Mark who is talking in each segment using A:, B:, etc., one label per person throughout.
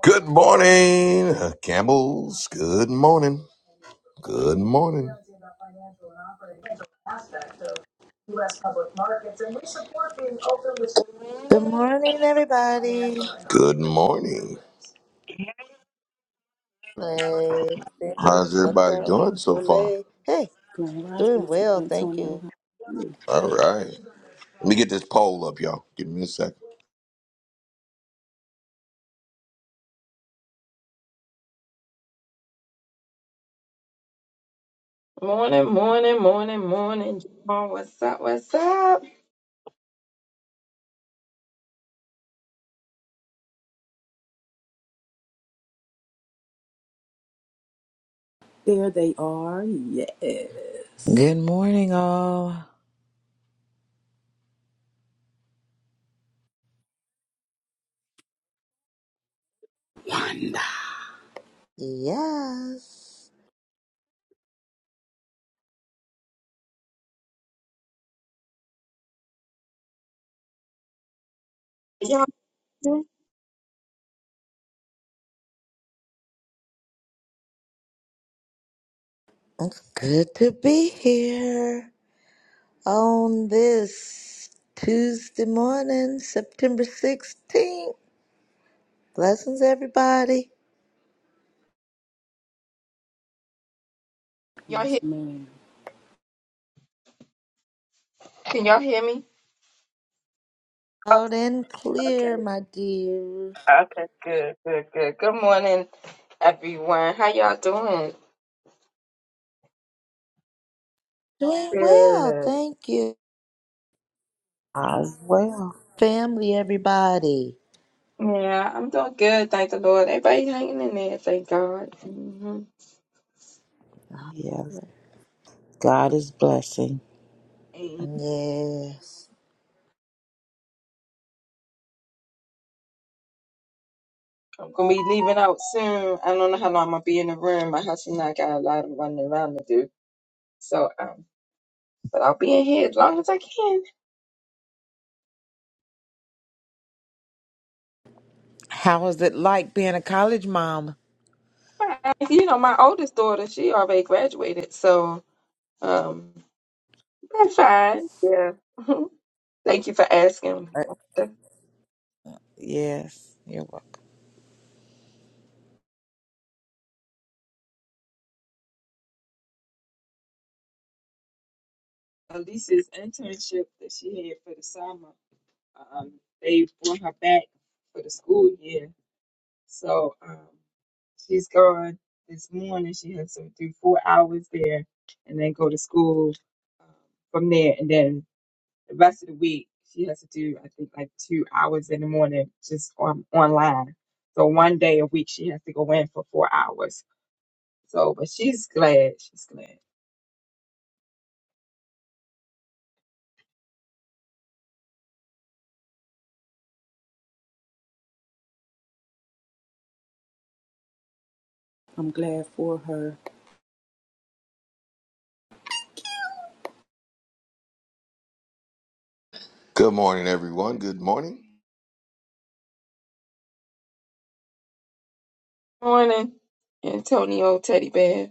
A: Good morning, Campbell's. Good morning. Good morning.
B: Good morning, everybody.
A: Good morning.
B: Hey, thank you,
A: How's
B: Miss
A: everybody
B: Wanda,
A: doing so far?
B: Ole. Hey,
C: Grand Rising,
B: doing
C: Mr.
B: well, thank
C: Antonio.
B: you.
C: Ooh,
A: All right. Let me get this poll up, y'all. Give me a second.
D: Morning, morning, morning, morning. Javon, what's up? What's up?
C: There they are. Yes.
E: Good morning, all.
C: Wanda.
B: Yes,
D: Y'all,
B: it's good to be here on this Tuesday morning, September 16th. Blessings, everybody.
D: y'all
C: Yes,
D: hear?
C: ma'am.
D: Can y'all hear me?
B: Out
D: Okay,
B: and
D: okay,
B: clear, my dear.
D: okay. Good, good, good. Good morning, everyone. How y'all doing?
B: Doing well,
D: Good.
B: thank you.
E: As well.
B: Family, everybody.
D: Yeah, I'm doing good. Thank the Lord. Everybody hanging in there. Thank God. hmm
E: Yeah, God is blessing.
B: Yes.
D: I'm gonna be leaving out soon. I don't know how long I'm gonna be in the room. My husband and I got a lot of running around to do. So, um, but I'll be in here as long as I can.
E: How is it like being a college mom?
D: You know, my oldest daughter, she already graduated, so um, that's fine. Yeah. Thank you for asking.
E: Uh, yes, you're welcome.
D: Alicia's internship that she had for the summer, um, they brought her back for the school year. So um, she's gone this morning. She has to do four hours there and then go to school um, from there. and then. The rest of the week, she has to do, I think, like two hours in the morning just on online. So one day a week, she has to go in for four hours. So, but she's glad. She's glad.
C: I'm glad for her.
A: Good morning, everyone. Good morning.
D: Morning, Antonio Teddy Bear.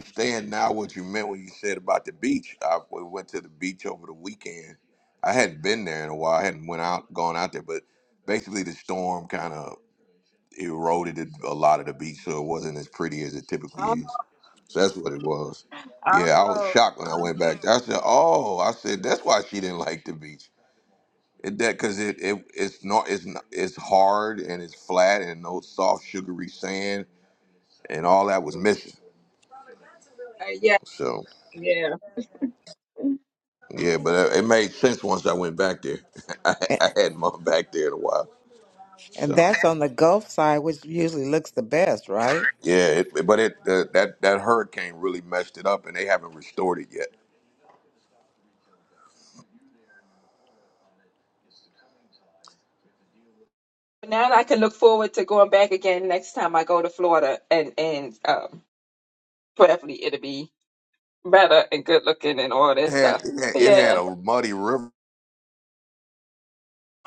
A: Understand now, what you meant when you said about the beach. I we went to the beach over the weekend. I hadn't been there in a while. I hadn't went out, gone out there, but basically the storm kind of eroded it- a lot of the beach, so it wasn't as pretty as it typically
D: Oh,
A: is. So that's what it was. Yeah, I was
D: oh.
A: shocked when I went back. I said, "Oh," I said, "That's why she didn't like the beach. It, that because it, it it's not it's not, it's hard and it's flat and no soft sugary sand and all that was missing.
D: Uh, yeah,
A: So
D: yeah.
A: yeah, but it, made sense once I went back there. I,
E: And,
A: I hadn't been back there in a while.
E: and
A: So
E: that's on the Gulf side, which usually looks the best, right?
A: yeah, it, but it uh, that that hurricane really messed it up, and they haven't restored it yet.
D: Now I can look forward to going back again next time I go to Florida and and um prayerfully it'll be better and good looking and all
A: It
D: that
A: had
D: stuff.
A: it had, it had
D: Yeah.
A: a muddy river.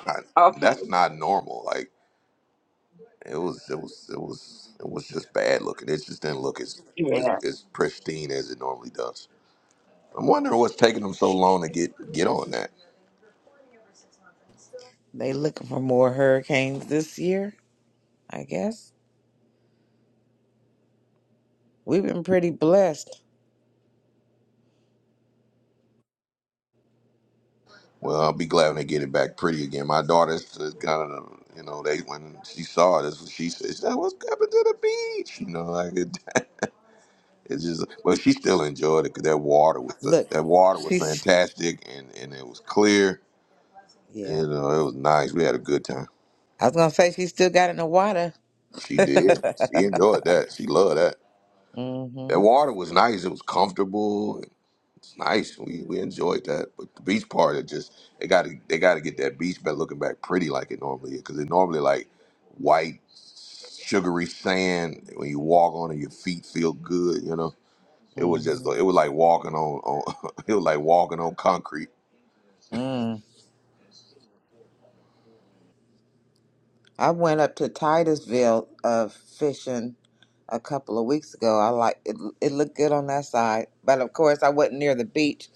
A: on it.
D: Okay.
A: That's not normal. Like it was it was it was it was just bad looking. It just didn't look as as,
D: Yeah.
A: as pristine as it normally does. I'm wondering what's taking them so long to get get on that.
E: They looking for more hurricanes this year, I guess. We've been pretty blessed.
A: Well, I'll be glad when they get it back pretty again. My daughter's kind of, you know, they when she saw it, that's what she said. She said, "What's happened to the beach?" You know, like it, it's just. But she still enjoyed it because that water was
E: Look,
A: that water was
E: she's,
A: fantastic, and and it was clear
E: Yeah.
A: You know, it was nice. We had a good time.
E: I was going to say she still got in the water.
A: She did. She enjoyed that. She loved that.
E: mm-hmm,
A: That water was nice. It was comfortable. It's nice. We we enjoyed that. But the beach part, it just they got to they got to get that beach back looking back pretty like it normally is because it normally like white sugary sand when you walk on it, your feet feel good. You know, it was just it
E: mm-hmm,
A: was like walking on on it was like walking on concrete.
E: I went up to Titusville uh, fishing a couple of weeks ago. I like it. It looked good on that side, but of course, I wasn't near the beach.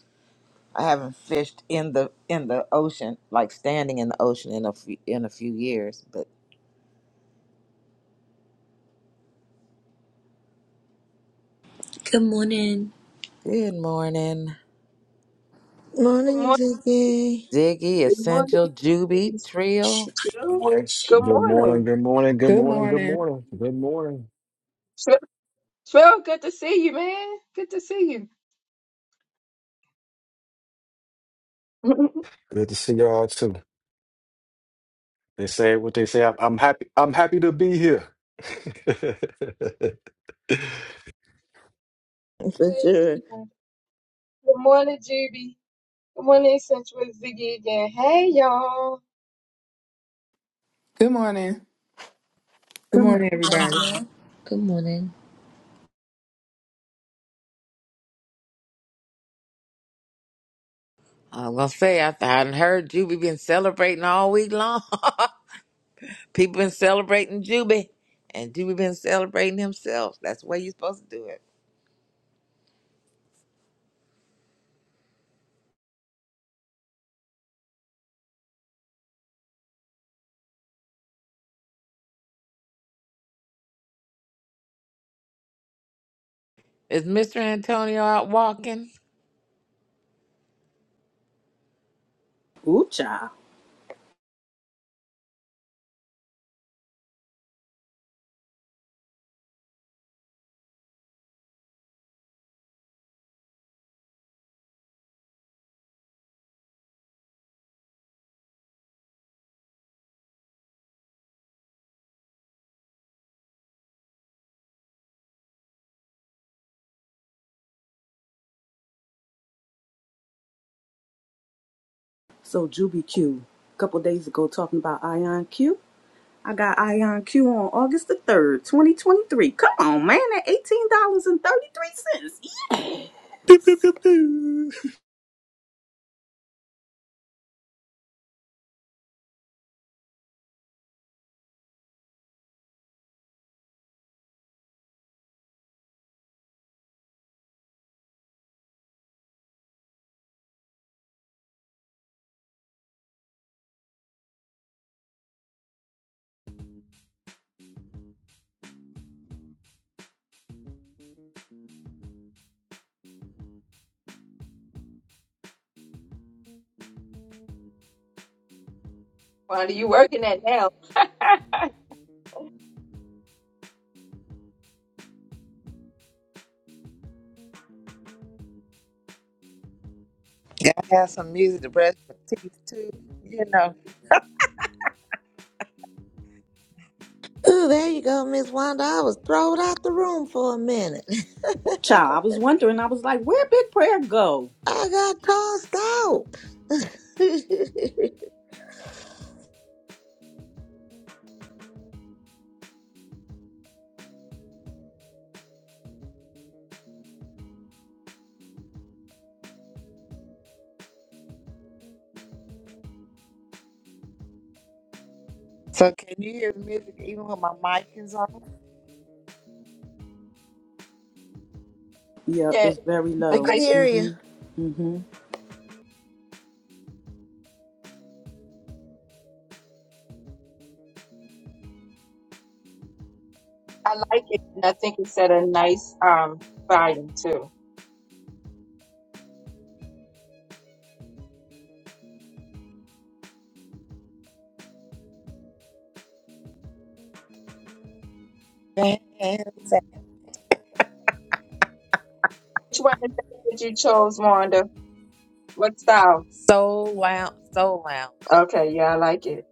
E: I haven't fished in the in the ocean, like standing in the ocean, in a few, in a few years. But
F: Good morning.
E: good morning,
D: Good
B: Morning,
D: morning.
B: Ziggy.
E: Ziggy,
D: Good morning.
E: Essential, Juby,
D: It's
E: Trill.
D: Jill.
G: Yes.
D: Good
G: Good
D: morning.
G: morning, good morning, good
H: Good
G: morning, good
H: morning.
G: morning, good morning.
D: Tr- Trill, good to see you, man. Good to see you.
G: Good to see y'all too. They say what they say. I'm, I'm happy. I'm happy to be here.
B: For
D: Praise
B: sure.
D: God. Good morning, Juby. Good morning, Central Ziggy again. Hey, y'all.
H: Good morning. Good
F: Good
H: morning, everybody.
F: morning. Good morning.
E: I was gonna say I I hadn't heard Juby been celebrating all week long. People been celebrating Juby, and Juby been celebrating himself. That's the way you're supposed to do it. Is Mr. Antonio out walking?
C: Ooh, child. So, Juby Q, a couple days ago, talking about Ion Q. I got Ion Q on August the 3rd, 2023. Come on, man, at $18.33.
I: Boop, boop, boop, boop.
D: What are you working at now?
E: Gotta have some music to brush my teeth too, you know.
B: Ooh, there you go, Miss Wanda. I was thrown out the room for a minute.
C: Ooh, child. I was wondering, I was like, where Big Prayer go?
B: I got tossed out.
E: So can you hear the music even when my mic is on?
C: Yep,
D: yeah,
C: it's very
D: I
B: we
C: low.
B: can
D: like,
B: hear
C: Mm
B: you.
C: hmm. Mm
D: I like it, and I think it's at a nice um volume too.
E: Dance at
D: Which one is that you chose, Wanda? What style?
E: Soul Lounge. Soul Lounge.
D: Okay, yeah, I like it.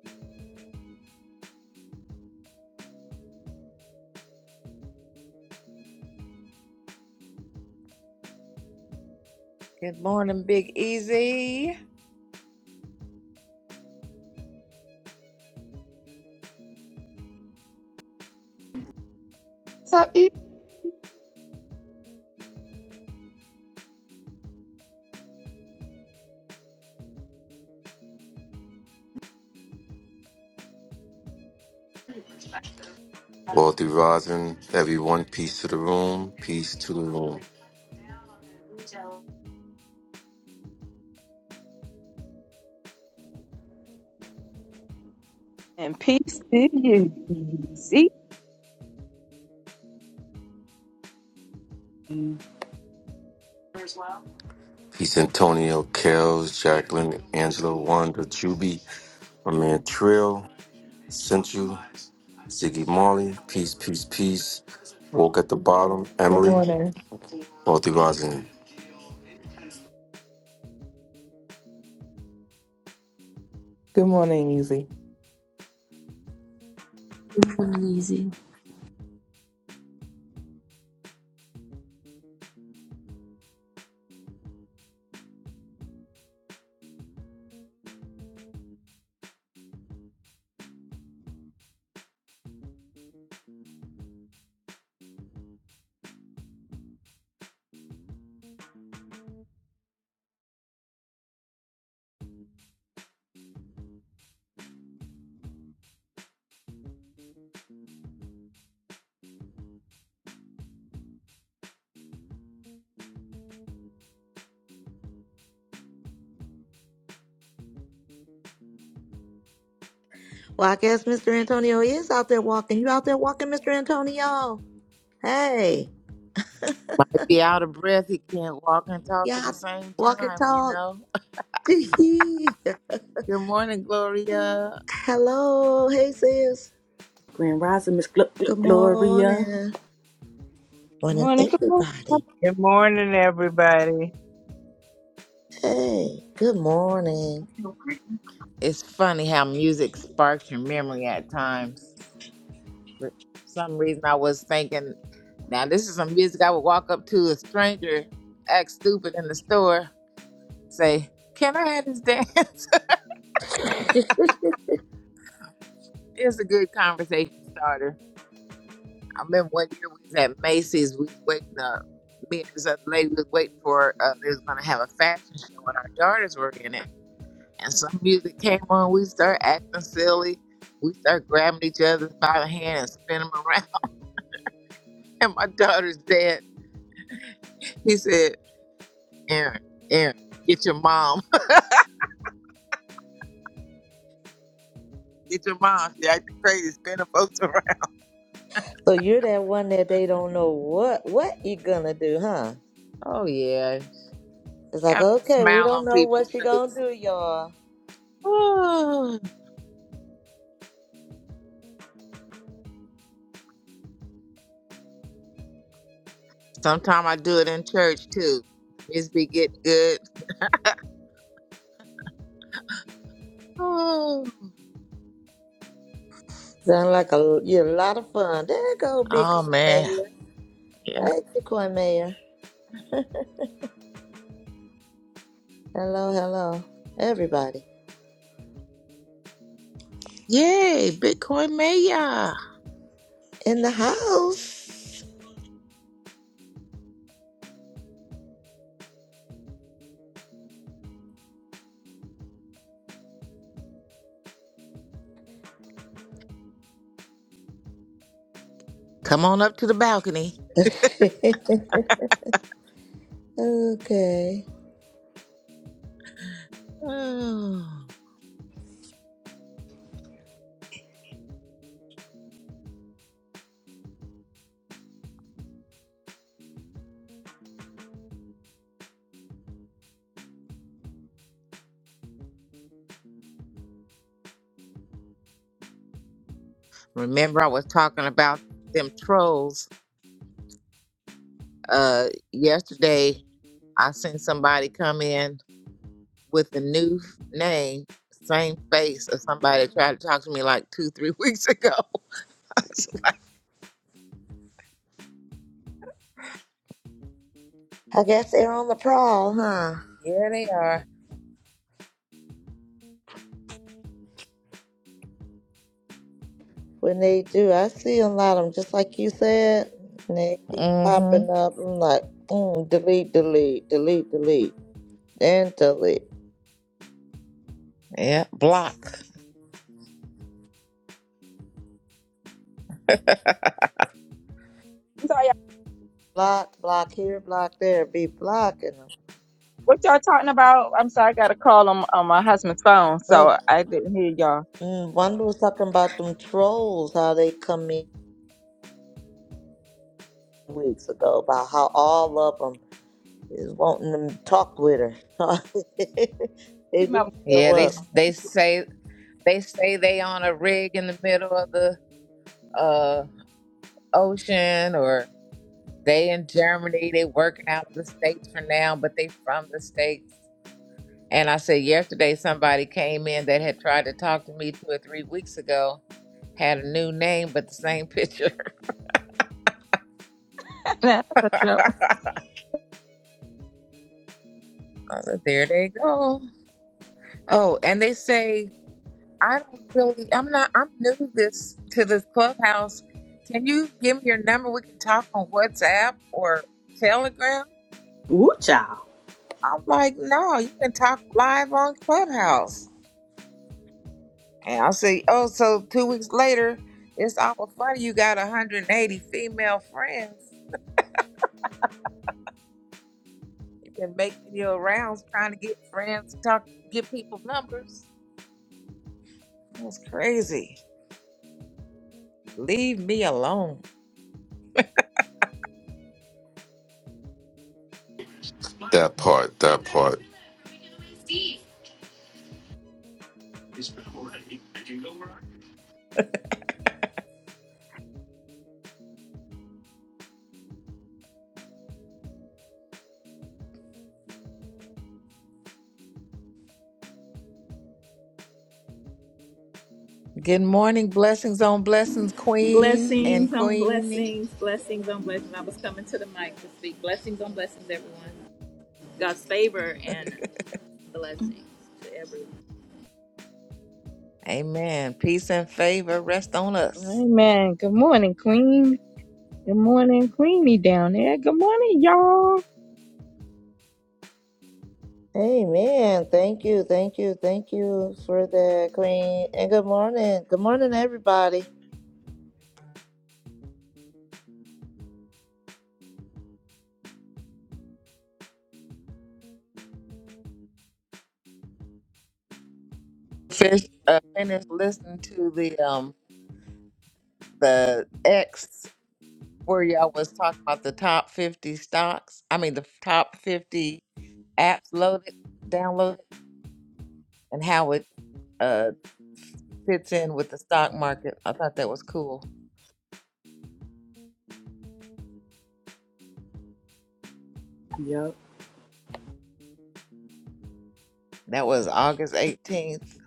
E: Good morning, Big Easy.
D: What's up, E?
J: Wealthy Rising, everyone, peace to the room, peace to the room.
D: And peace to you. See?
C: hmm.
J: Peace, Antonio, Kels, Jacqueline, Angela, Wanda, Juby, my man Trill, Central, Ziggy Marley, peace, peace, peace. Woke at the bottom,
H: Good
J: Emily,
H: morning.
J: Wealthy Rising.
H: Good morning, Easy.
F: Good morning, Easy.
B: Well, I guess Mr. Antonio is out there walking. You out there walking, Mr. Antonio? Hey,
E: Might be out of breath. He can't walk and talk
B: yeah,
E: at the
B: all
E: same
B: walk and
E: time, you
B: talk.
E: know. Good morning, Gloria.
B: Hello, hey sis.
C: Grand Rising, Miss Gl- Gl-
B: Good
C: Gloria.
B: morning.
D: Good
B: Morning,
D: morning. Good morning. I'm
B: everybody.
K: Good morning, everybody.
B: Hey, good morning.
E: It's funny how music sparks your memory at times. For some reason, I was thinking, now this is some music I would walk up to a stranger, act stupid in the store, say, "Can I have this dance?" it's a good conversation starter. I remember one year we was at Macy's. We was waiting up. Me and this other lady was waiting for. Uh, they was gonna have a fashion show, and our daughters were in it. And some music came on. We start acting silly. We start grabbing each other by the hand and spinning them around. And my daughter's dad, he said. Aaron, Aaron, get your mom. get your mom. She acting crazy, spinning folks around.
B: So you're that one that they don't know what what you gonna do, huh?
E: Oh yeah.
B: It's like,
E: Gotta put a
B: okay, we
E: smile
B: don't
E: on
B: know
E: people's
B: what you gonna
E: face.
B: do, y'all.
E: Oh, Sometimes I do it in church too. Just be getting good. Oh,
B: Sound like a you a lot of fun. There go Bitcoin
E: Oh man.
B: Mayor.
E: Yeah.
B: Hey, Bitcoin Mayor. Hello, hello, everybody
E: Yay, Bitcoin Maya.
B: in the house.
E: Come on up to the balcony.
B: okay,
E: Oh, Remember I was talking about them trolls uh yesterday. I seen somebody come in. with a new name, same face of somebody that tried to talk to me like two, three weeks ago. So
B: I guess they're on the prowl, huh?
E: Here they are.
B: When they do, I see a lot of them, just like you said. And they keep
E: Mm-hmm.
B: popping up. I'm like, mm, delete, delete, delete, delete, then delete.
E: Yeah, block.
D: sorry, y'all.
B: Block, block here, block there. Be blocking them.
D: what y'all talking about? I'm sorry, I got a call on, on my husband's phone, so I didn't hear y'all.
B: Mm, Wanda was talking about them trolls, how they come in weeks ago, about how all of them is wanting to talk with her. they
D: Keep
B: do
D: my-
B: show
E: Yeah, they
B: up.
E: they say they say they on a rig in the middle of the uh ocean, or they in Germany. They working out of the states for now, but they from the states. And I said yesterday, somebody came in that had tried to talk to me two or three weeks ago, had a new name but the same picture. Uh, there they go. Oh, and they say I don't really. I'm not. I'm new to this to this clubhouse. Can you give me your number? We can talk on WhatsApp or Telegram.
C: Ooh, child.
E: I'm like, no, you can talk live on Clubhouse. And I say, oh, so two weeks later, it's awful funny. You got 180 female friends. You can make video rounds trying to get friends, talk, get people numbers. That's crazy. Leave me alone.
J: That part, that part.
E: Good morning. Blessings on blessings, Queen and
L: Blessings on
E: Queenie.
L: blessings, blessings on blessings. I was coming to the mic to speak. Blessings on blessings, everyone. God's favor and blessings to everyone.
E: Amen. Peace and favor rest on us.
D: Amen. Good morning, Queen. Good morning, Queenie down there. Good morning, y'all.
B: Amen. Thank you, thank you, thank you for that, Queen. And good morning. Good morning, everybody.
E: Fish uh, finished listening to the um the X where y'all was talking about the top fifty stocks. I mean the top fifty apps loaded, downloaded, and how it uh fits in with the stock market. I thought that was cool.
C: Yep.
E: That was August eighteenth.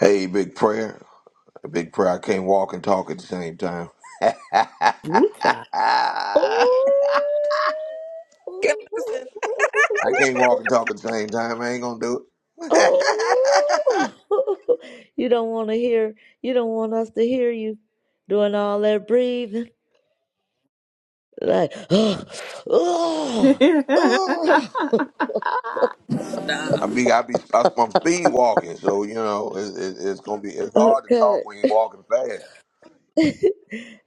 A: Hey, big prayer. A big pride can't walk and talk at the same time. I
C: Woo child.
B: Oh,
E: Listen,
A: can't walk and talk at the same time. I ain't gonna do it.
B: oh. You don't want to hear, you don't want us to hear you doing all that breathing. Like,
C: you
B: oh, oh,
A: I be I be I'm speed walking, so you know it, it, it's gonna be it's hard to talk
B: okay.
A: when you're walking fast.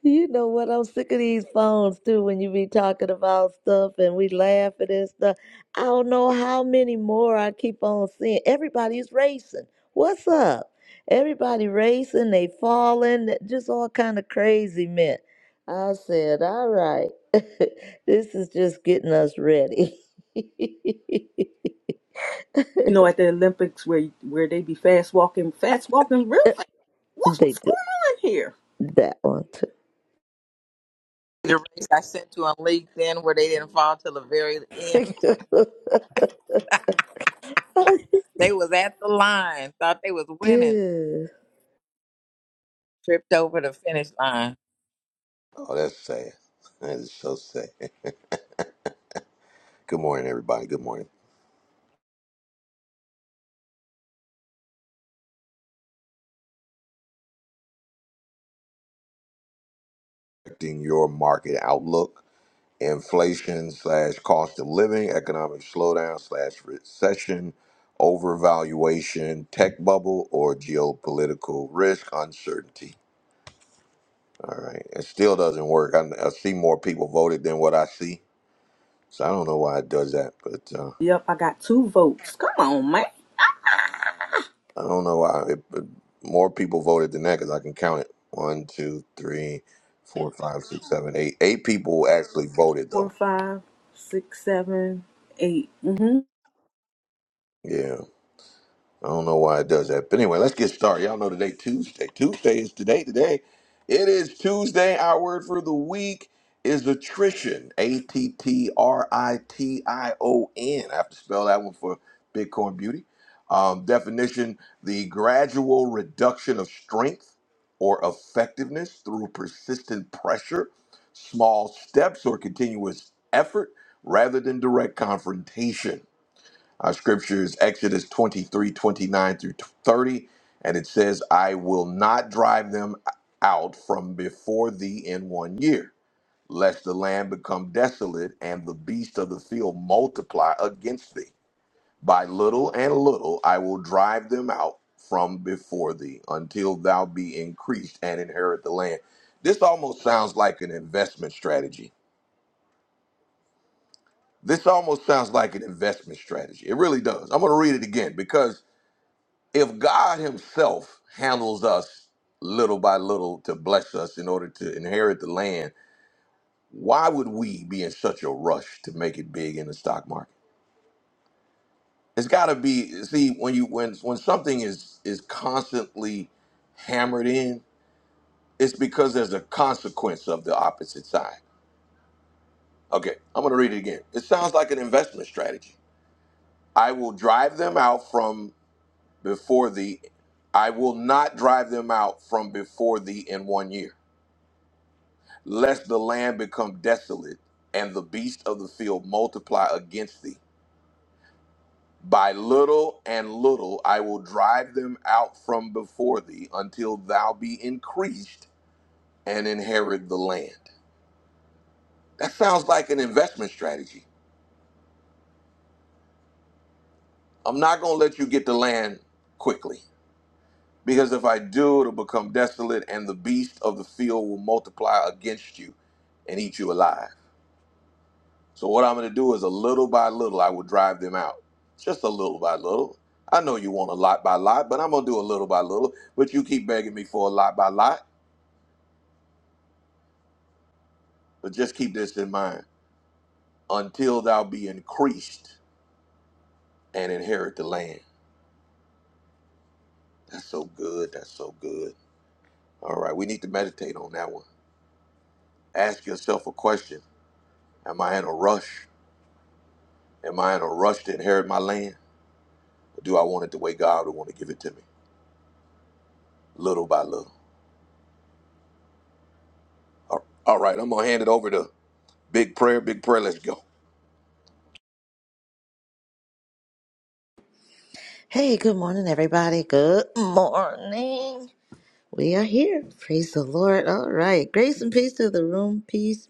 B: You know what? I'm sick of these phones too. When you be talking about stuff and we laugh at this stuff, I don't know how many more I keep on seeing. Everybody's racing. What's up? Everybody racing. They falling. Just all kind of crazy men. I said, all right, this is just getting us ready. they
C: know, at the Olympics where where they be fast walking, fast walking real fast. What's what's
B: do
C: going on here?
B: that one
E: the race I sent to on LinkedIn where they didn't fall till the very end.
B: too.
E: They was at the line, thought they was winning,
B: Good.
E: tripped over the finish line.
A: Oh, that's sad. That is so sad. Good morning, everybody. Good morning. Affecting your market outlook. inflation slash cost of living, economic slowdown slash recession, overvaluation, tech bubble, or geopolitical risk uncertainty. All right, it still doesn't work. I, I see more people voted than what I see, so I don't know why it does that. But uh,
C: Yep, I got two votes. Come on, man.
A: I don't know why it, but more people voted than that because I can count it one, two, three, four, five, six, seven, eight. Eight people actually voted
C: Four,
A: though.
C: five, six, seven, eight. Mm-hmm.
A: Yeah. I don't know why it does that. But anyway, let's get started. Y'all know today, Tuesday. Tuesday is today. Today, it is Tuesday. Our word for the week is attrition. A T T R I T I O N. I have to spell that one for Bitcoin Beauty. Um, definition the gradual reduction of strength or effectiveness through persistent pressure, small steps, or continuous effort rather than direct confrontation. Our scripture is Exodus 23 29 through 30, and it says, I will not drive them out from before thee in one year, lest the land become desolate and the beasts of the field multiply against thee. By little and little I will drive them out from before thee until thou be increased and inherit the land. This almost sounds like an investment strategy. This almost sounds like an investment strategy. It really does. I'm going to read it again because if God Himself handles us little by little to bless us in order to inherit the land, why would we be in such a rush to make it big in the stock market? It's got to be see when you when when something is is constantly hammered in, it's because there's a consequence of the opposite side. Okay, I'm going to read it again. It sounds like an investment strategy. I will drive them out from before the I will not drive them out from before thee in one year. lest the land become desolate and the beasts of the field multiply against thee. By little and little I will drive them out from before thee until thou be increased and inherit the land. That sounds like an investment strategy. I'm not going to let you get the land quickly because if I do, it'll become desolate and the beasts of the field will multiply against you and eat you alive. So what I'm going to do is a little by little, I will drive them out. Just a little by little. I know you want a lot by lot, but I'm going to do a little by little. But you keep begging me for a lot by lot. But just keep this in mind until thou be increased and inherit the land. That's so good. That's so good. All right. We need to meditate on that one. Ask yourself a question Am I in a rush? Am I in a rush to inherit my land? Or do I want it the way God would want to give it to me? Little by little. all right. I'm going to hand it over to Big prayer, big prayer. Let's go.
B: Hey, good morning, everybody. Good morning. We are here. Praise the Lord. All right. Grace and peace to the room. Peace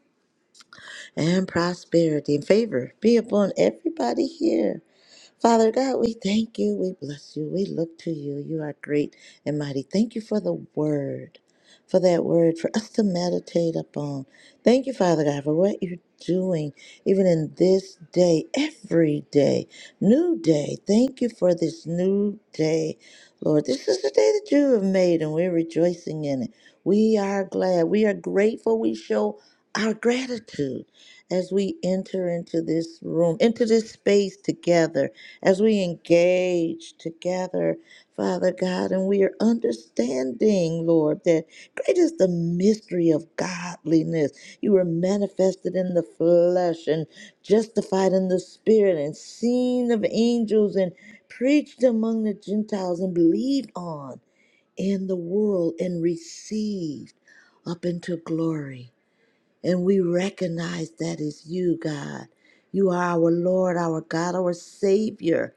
B: and prosperity and favor be upon everybody here. Father God, we thank you. We bless you. We look to you. You are great and mighty. Thank you for the word, for that word, for us to meditate upon. Thank you, Father God, for what you're doing, even in this day, every day, new day. Thank you for this new day, Lord. This is the day that you have made, and we're rejoicing in it. We are glad. We are grateful. We show our gratitude as we enter into this room, into this space together as we engage together, Father God, and we are understanding, Lord, that great is the mystery of godliness. You were manifested in the flesh and justified in the spirit and seen of angels and preached among the Gentiles and believed on in the world and received up into glory. And we recognize that is you, God. You are our Lord, our God, our Savior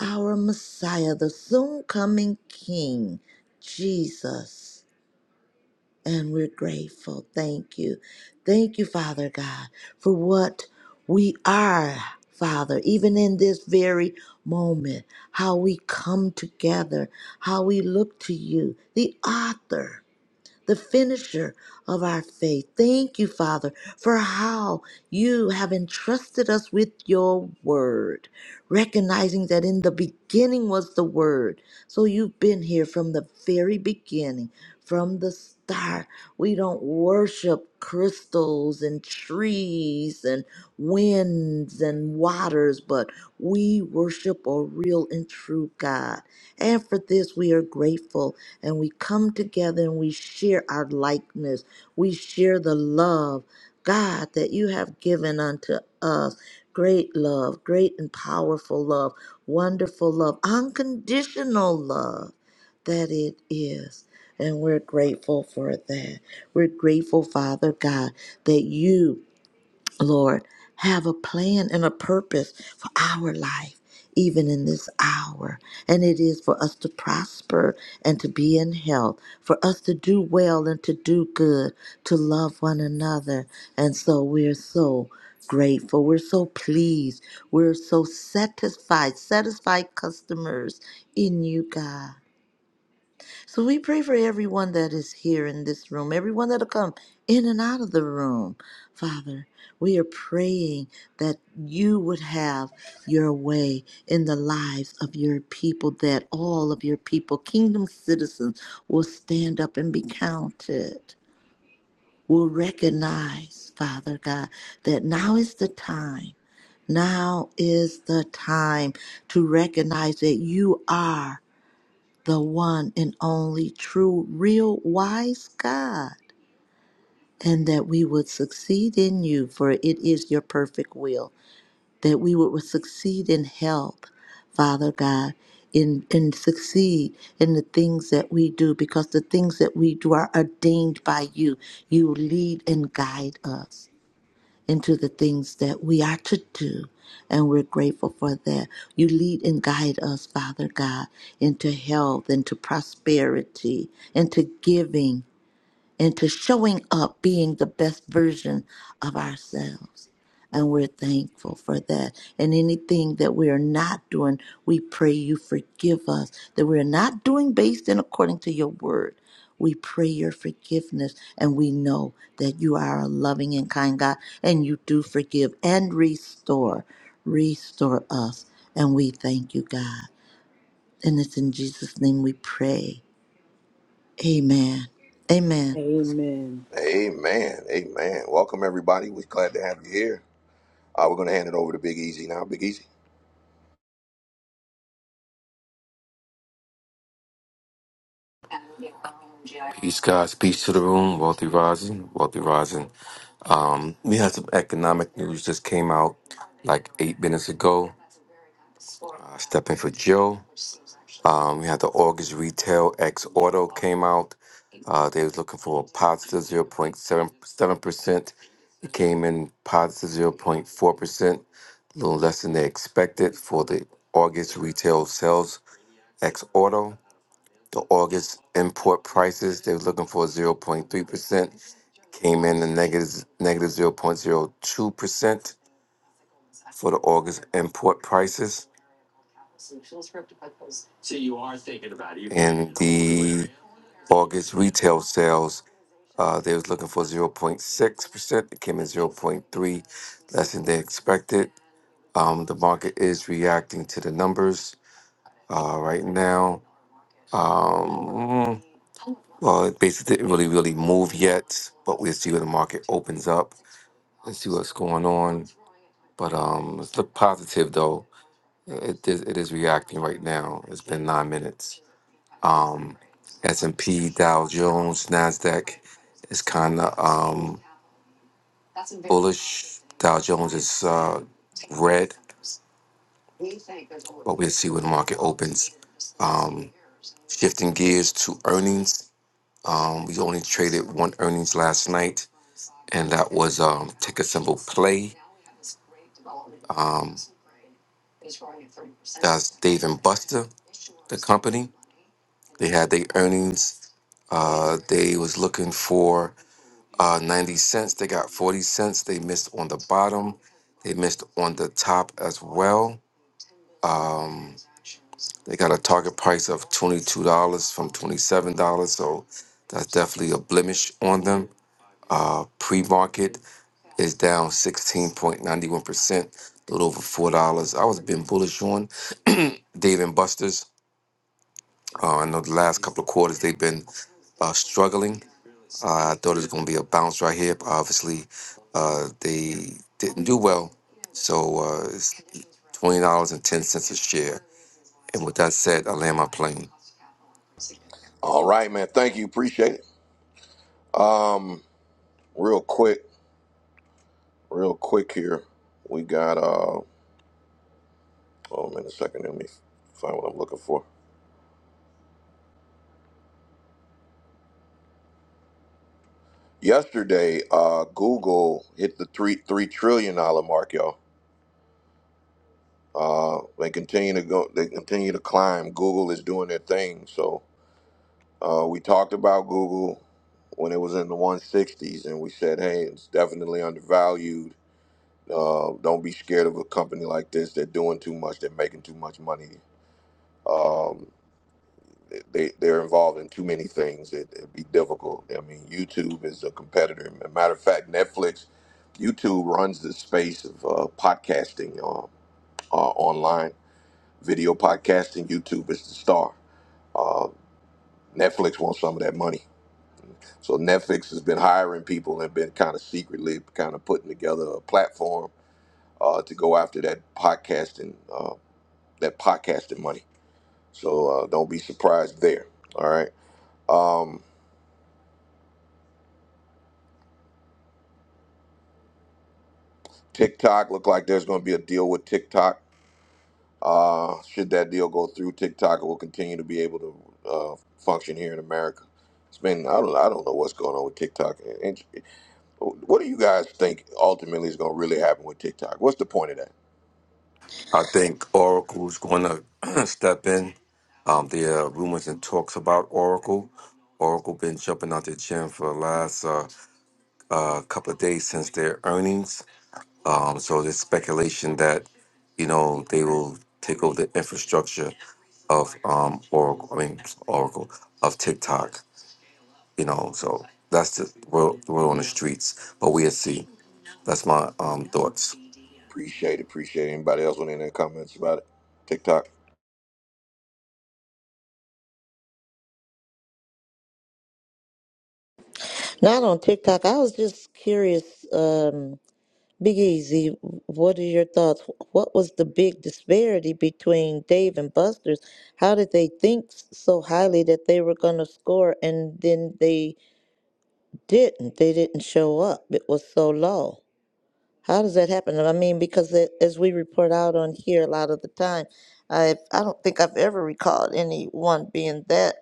B: our Messiah, the soon coming King, Jesus. And we're grateful. Thank you. Thank you, Father God, for what we are, Father, even in this very moment, how we come together, how we look to you, the author the finisher of our faith. Thank you, Father, for how you have entrusted us with your word, recognizing that in the beginning was the word. So you've been here from the very beginning, from the start. We don't worship crystals and trees and winds and waters, but we worship a real and true God. And for this, we are grateful and we come together and we share our likeness. We share the love, God, that you have given unto us. Great love, great and powerful love, wonderful love, unconditional love that it is. And we're grateful for that. We're grateful, Father God, that you Lord, have a plan and a purpose for our life, even in this hour. And it is for us to prosper and to be in health, for us to do well and to do good, to love one another. And so we're so grateful. We're so pleased. We're so satisfied, satisfied customers in you, God. So we pray for everyone that is here in this room, everyone that'll come in and out of the room. Father, we are praying that you would have your way in the lives of your people, that all of your people, kingdom citizens, will stand up and be counted, will recognize, Father God, that now is the time. Now is the time to recognize that you are the one and only true, real, wise God, and that we would succeed in you, for it is your perfect will, that we would succeed in health, Father God, in, in succeed in the things that we do, because the things that we do are ordained by you. You lead and guide us into the things that we are to do. And we're grateful for that. You lead and guide us, Father God, into health, into prosperity, into giving into showing up being the best version of ourselves. And we're thankful for that. And anything that we are not doing, we pray you forgive us. That we're not doing based and according to your word. We pray your forgiveness. And we know that you are a loving and kind God. And you do forgive and restore. Restore us. And we thank you, God. And it's in Jesus' name we pray. Amen. Amen.
C: Amen.
A: Amen. Amen. Welcome, everybody. We're glad to have you here. Uh, we're going to hand it over to Big Easy now. Big Easy.
J: Peace, guys. Peace to the room. Wealthy rising. Wealthy rising. Um, we had some economic news just came out like eight minutes ago. Uh, stepping for Joe. Um, we had the August retail ex auto came out. Uh, they was looking for a 0.77%. It came in 0.4%, a little less than they expected for the August retail sales ex auto. The August import prices, they was looking for 0.3%, came in a 0.02% for the August import prices. And the August retail sales. Uh, they was looking for 0.6%. It came in zero point 0.3, less than they expected. Um, the market is reacting to the numbers uh, right now. Um, well, it basically didn't really, really move yet, but we'll see when the market opens up and see what's going on. But um, it's look positive though. It is, it is reacting right now. It's been nine minutes. Um, S&P, Dow Jones, Nasdaq is kind of um, bullish. Dow Jones is uh, red, but we'll see where the market opens. Um, shifting gears to earnings, um, we only traded one earnings last night, and that was um, ticker symbol play. Um, that's Dave and Buster, the company. They had their earnings. Uh, they was looking for uh, 90 cents. They got 40 cents. They missed on the bottom. They missed on the top as well. Um, they got a target price of $22 from $27. So that's definitely a blemish on them. Uh, Pre market is down 16.91%, a little over $4. I was being bullish on Dave and Buster's. Uh, I know the last couple of quarters they've been uh, struggling. Uh, I thought it was going to be a bounce right here, but obviously uh, they didn't do well. So uh, it's twenty dollars and ten cents a share. And with that said, I land my plane.
A: All right, man. Thank you. Appreciate it. Um, real quick, real quick here. We got, uh, hold on a second. Let me find what I'm looking for. Yesterday, uh, Google hit the three three trillion dollar mark, y'all. Uh, they continue to go. They continue to climb. Google is doing their thing. So Uh, we talked about Google when it was in the 160s, and we said, hey, it's definitely undervalued. Uh, don't be scared of a company like this. They're doing too much. They're making too much money. Um, they, they're involved in too many things. It, it'd be difficult. I mean, YouTube is a competitor. As a matter of fact, Netflix, YouTube runs the space of uh, podcasting uh, uh, online, video podcasting. YouTube is the star. Uh, Netflix wants some of that money. So Netflix has been hiring people and been kind of secretly kind of putting together a platform uh, to go after that podcasting uh, that podcasting money. So uh, don't be surprised there. All right. Um, TikTok look like there's going to be a deal with TikTok. Uh, should that deal go through, TikTok will continue to be able to uh, function here in America. It's been I don't I don't know what's going on with TikTok. And, and what do you guys think ultimately is going to really happen with TikTok? What's the point of that?
J: I think Oracle's going to step in. Um, there are rumors and talks about Oracle. Oracle been jumping out the gym for the last uh, uh, couple of days since their earnings. Um, so there's speculation that, you know, they will take over the infrastructure of um, Oracle, I mean, Oracle, of TikTok, you know, so that's the world, the world on the streets, but we'll see. That's my um, thoughts.
A: Appreciate Appreciate anybody else with any comments about it. TikTok.
B: Not on TikTok. I was just curious, um, Big Easy, what are your thoughts? What was the big disparity between Dave and Buster's? How did they think so highly that they were going to score and then they didn't? They didn't show up. It was so low. How does that happen? I mean, because it, as we report out on here a lot of the time, I I don't think I've ever recalled anyone being that,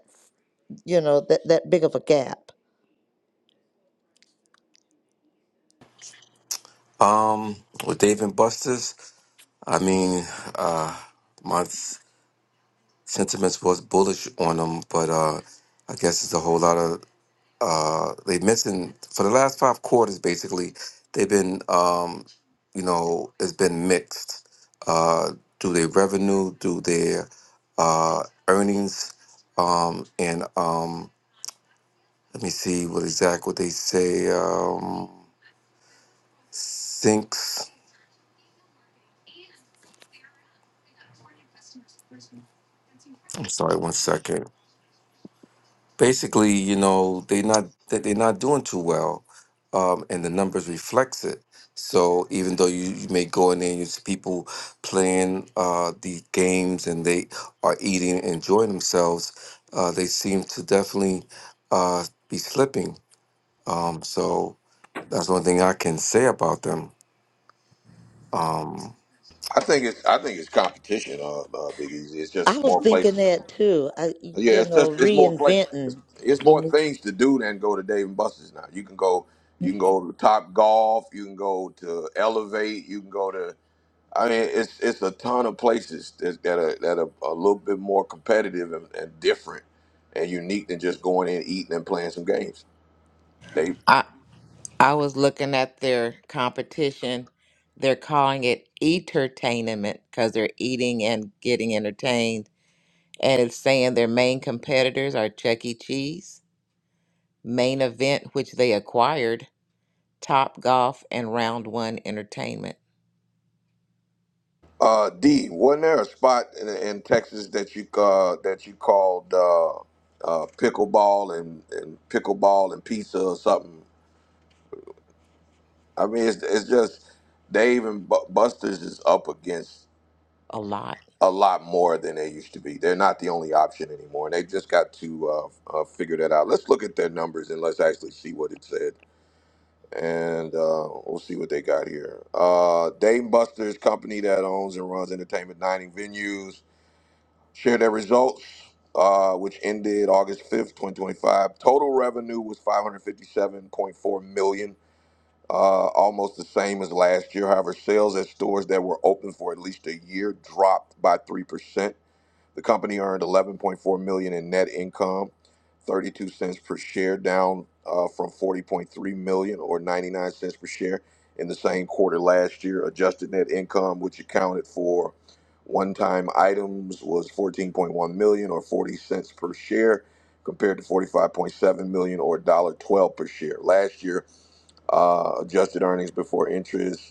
B: you know, that, that big of a gap.
J: Um, with Dave and Buster's, I mean, uh, my s- sentiments was bullish on them, but uh, I guess it's a whole lot of Uh, they're missing for the last five quarters. Basically, they've been, um, you know, it's been mixed. Uh, do their revenue, do their uh, earnings, um, and um, let me see what exact what they say. Um, sinks. I'm sorry, one second. basically, you know, they not that they're not doing too well, um, and the numbers reflects it. So even though you, you may go in there and you see people playing uh, these games and they are eating enjoying themselves, uh, they seem to definitely uh, be slipping. Um, so that's one thing I can say about them.
A: I think it's I think it's competition. Uh, uh, Big Easy. It's
B: I
A: just
B: was
A: more
B: thinking
A: places.
B: that too. I,
A: Yeah,
B: you
A: it's
B: know,
A: just it's more play. It's,
B: reinventing
A: it's
B: the
A: more
B: new
A: things to do than go to Dave and Buster's now. You can go. You can go to Top Golf. You can go to Elevate. You can go to I mean, it's it's a ton of places that that are that are a little bit more competitive and, and different and unique than just going in eating and playing some games. They
E: I I was looking at their competition. They're calling it entertainment because they're eating and getting entertained. And it's saying their main competitors are Chuck E. Cheese, Main Event, which they acquired, Top Golf, and Round One Entertainment.
A: uh D, wasn't there a spot in, in Texas that you uh that you called uh uh pickleball and and pickleball and pizza or something? I mean, it's it's just Dave and Bu- Buster's is up against
E: a lot.
A: a lot more than they used to be. They're not the only option anymore, and they just got to uh, uh, figure that out. Let's look at their numbers and let's actually see what it said, and uh, we'll see what they got here. Uh, Dame Buster's company that owns and runs entertainment dining venues shared their results, uh, which ended August fifth, twenty twenty-five. Total revenue was five hundred fifty-seven point four million. Uh, almost the same as last year. However, sales at stores that were open for at least a year dropped by 3% the company earned 11.4 million dollars in net income, 32 cents per share, down uh, from 40.3 million dollars or 99 cents per share in the same quarter last year. Adjusted net income, which accounted for one-time items, was 14.1 million dollars or 40 cents per share, compared to 45.7 million dollars or $1.12 per share last year. Uh, adjusted earnings before interest.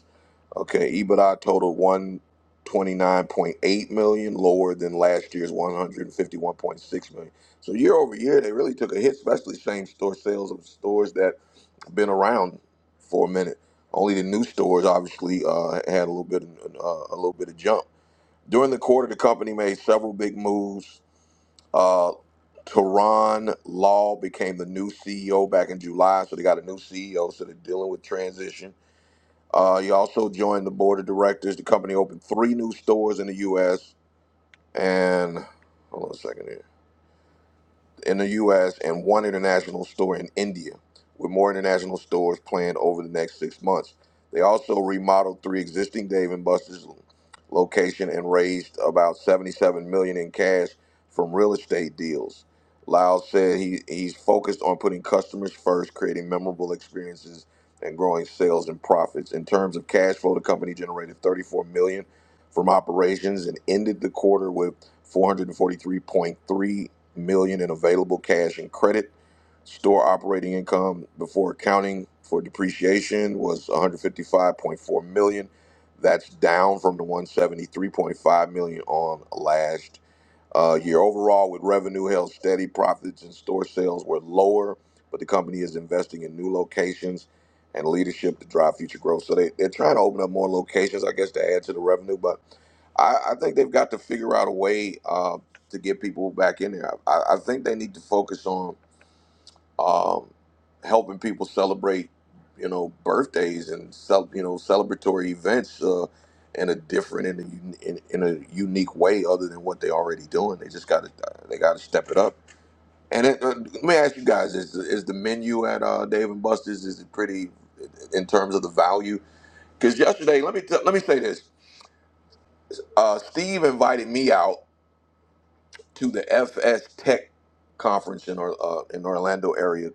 A: Okay, EBITDA totaled 129.8 million, lower than last year's 151.6 million. So year over year, they really took a hit, especially same store sales of stores that have been around for a minute. Only the new stores obviously uh, had a little bit of, uh, a little bit of jump. During the quarter, the company made several big moves. Uh, Teron Law became the new CEO back in July, so they got a new CEO, so they're dealing with transition. Uh, he also joined the board of directors. The company opened three new stores in the U.S. And hold on a second here in the U.S. and one international store in India, with more international stores planned over the next six months. They also remodeled three existing Dave and Buster's location and raised about 77 million dollars in cash from real estate deals. Lau said he, he's focused on putting customers first, creating memorable experiences, and growing sales and profits. In terms of cash flow, the company generated 34 million dollars from operations and ended the quarter with 443.3 million dollars in available cash and credit. Store operating income before accounting for depreciation was 155.4 million. dollars. That's down from the 173.5 million dollars on last uh, year overall, with revenue held steady, profits and store sales were lower, but the company is investing in new locations and leadership to drive future growth. So they, they're trying to open up more locations, I guess, to add to the revenue. But I, I think they've got to figure out a way uh, to get people back in there. I, I think they need to focus on um, helping people celebrate, you know, birthdays and cel- you know celebratory events uh, in a different in a un- in, in a unique way other than what they already doing. They just got to they got to step it up. And it, uh, let me ask you guys: Is is the menu at uh, Dave and Buster's is it pretty in terms of the value? Because yesterday, let me t- let me say this: uh, Steve invited me out to the FS Tech conference in or, uh, in Orlando area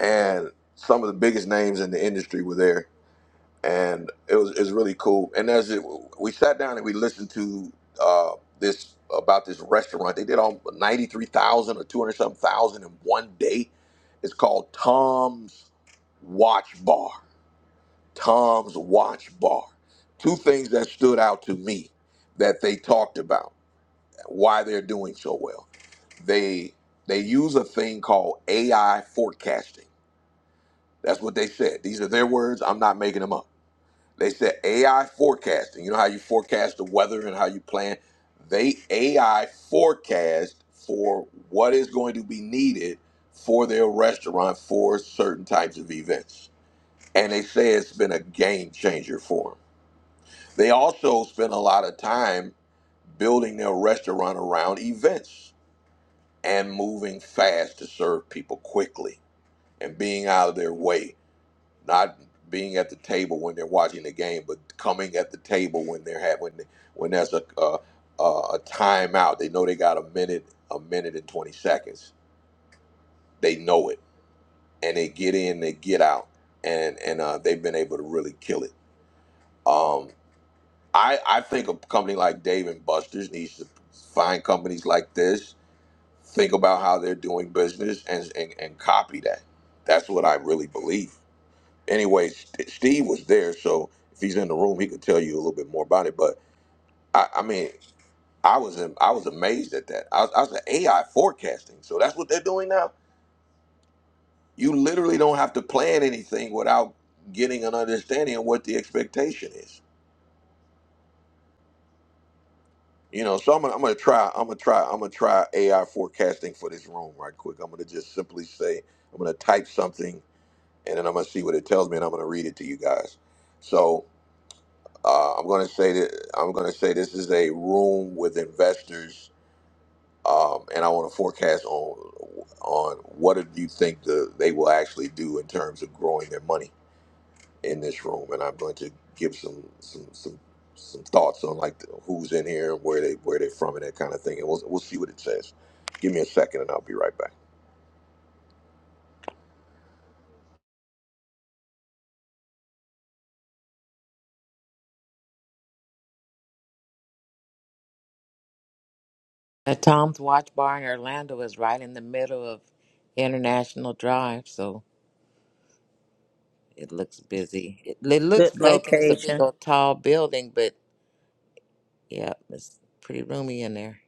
A: and some of the biggest names in the industry were there, and it was it was really cool. And as it, we sat down and we listened to uh, this about this restaurant, they did all ninety three thousand or two hundred something thousand in one day. It's called Tom's Watch Bar. Tom's Watch Bar. Two things that stood out to me that they talked about why they're doing so well. They they use a thing called AI forecasting that's what they said. These are their words. I'm not making them up. They said AI forecasting. You know how you forecast the weather and how you plan? They AI forecast for what is going to be needed for their restaurant for certain types of events. And they say it's been a game changer for them. They also spend a lot of time building their restaurant around events and moving fast to serve people quickly and being out of their way not being at the table when they're watching the game, but coming at the table when they're ha- when they, when there's a uh, uh, a timeout. They know they got a minute, a minute and twenty seconds. They know it, and they get in, they get out, and and uh, they've been able to really kill it. Um, I I think a company like Dave and Buster's needs to find companies like this, think about how they're doing business, and and, and copy that. That's what I really believe. anyway, St- Steve was there, so if he's in the room, he could tell you a little bit more about it. But I, I mean, I was am- I was amazed at that. I was, I was like, AI forecasting. So that's what they're doing now. You literally don't have to plan anything without getting an understanding of what the expectation is. You know, so I'm gonna, I'm gonna try I'm gonna try I'm gonna try AI forecasting for this room right quick. I'm gonna just simply say I'm gonna type something and then I'm gonna see what it tells me and I'm gonna read it to you guys. So Uh, I'm going to say that I'm going to say this is a room with investors, um, and I want to forecast on on what do you think the they will actually do in terms of growing their money in this room, and I'm going to give some some some some thoughts on like who's in here, where they where they're from, and that kind of thing, and we'll we'll see what it says. Give me a second, and I'll be right back.
E: The Tom's Watch Bar in Orlando is right in the middle of International Drive, so it looks busy. It, it looks
B: good
E: vacant. It's a big
B: location.
E: old tall building, but yeah, it's pretty roomy in there.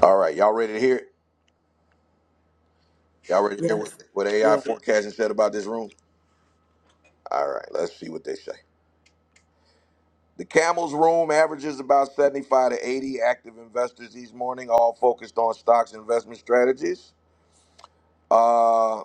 A: All right, y'all ready to hear it? Y'all ready to hear what,
C: Yes.
A: what AI
C: Yeah.
A: forecasting said about this room? All right, let's see what they say. The Camel's Room averages about 75 to 80 active investors each morning, all focused on stocks and investment strategies. Uh,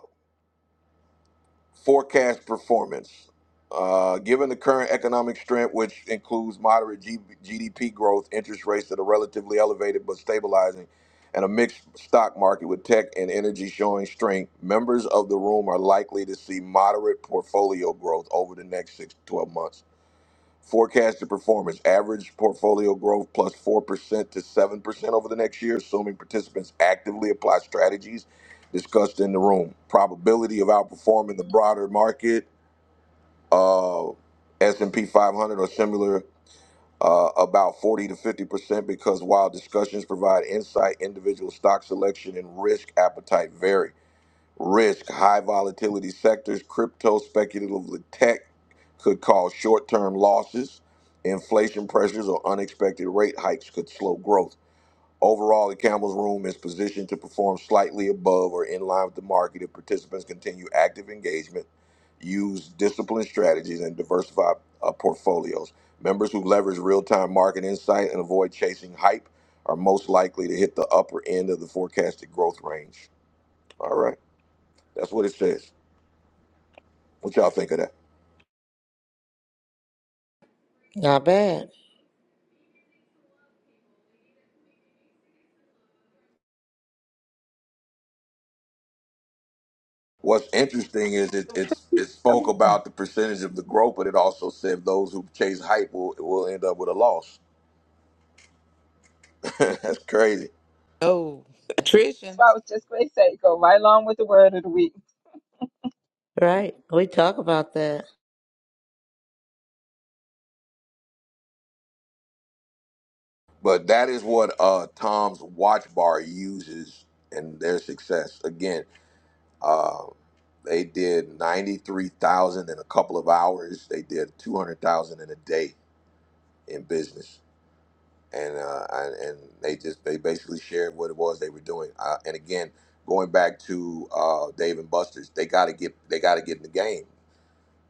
A: forecast performance. Uh, given the current economic strength, which includes moderate G- GDP growth, interest rates that are relatively elevated but stabilizing, and a mixed stock market with tech and energy showing strength, members of the room are likely to see moderate portfolio growth over the next six to 12 months Forecasted performance average portfolio growth 4% to 7% over the next year, assuming participants actively apply strategies discussed in the room. Probability of outperforming the broader market, uh, S&P 500 or similar, uh, about 40 to 50% because while discussions provide insight, individual stock selection and risk appetite vary risk, high volatility sectors, crypto, speculative tech could cause short term losses. Inflation pressures or unexpected rate hikes could slow growth. Overall, the Campbell's Room is positioned to perform slightly above or in line with the market if participants continue active engagement, use disciplined strategies, and diversify uh, portfolios. Members who leverage real time market insight and avoid chasing hype are most likely to hit the upper end of the forecasted growth range. All right, that's what it says. What y'all think of that?
B: Not bad,
A: What's interesting is it it's it spoke
D: coming from.
A: about the percentage of the growth, but it also said those who chase hype will will end up with a loss. That's crazy.
E: Oh,
D: That's
E: attrition.
D: I was just going to say, go right along with the word of the week.
B: right? We talk about that.
A: But that is what uh, Tom's Watch Bar uses in their success. Again, uh, they did ninety three thousand in a couple of hours. They did two hundred thousand in a day in business. and uh, and, and they just they basically shared what it was they were doing. Uh, and again, going back to uh, Dave and Buster's, they got to get they got to get in the game.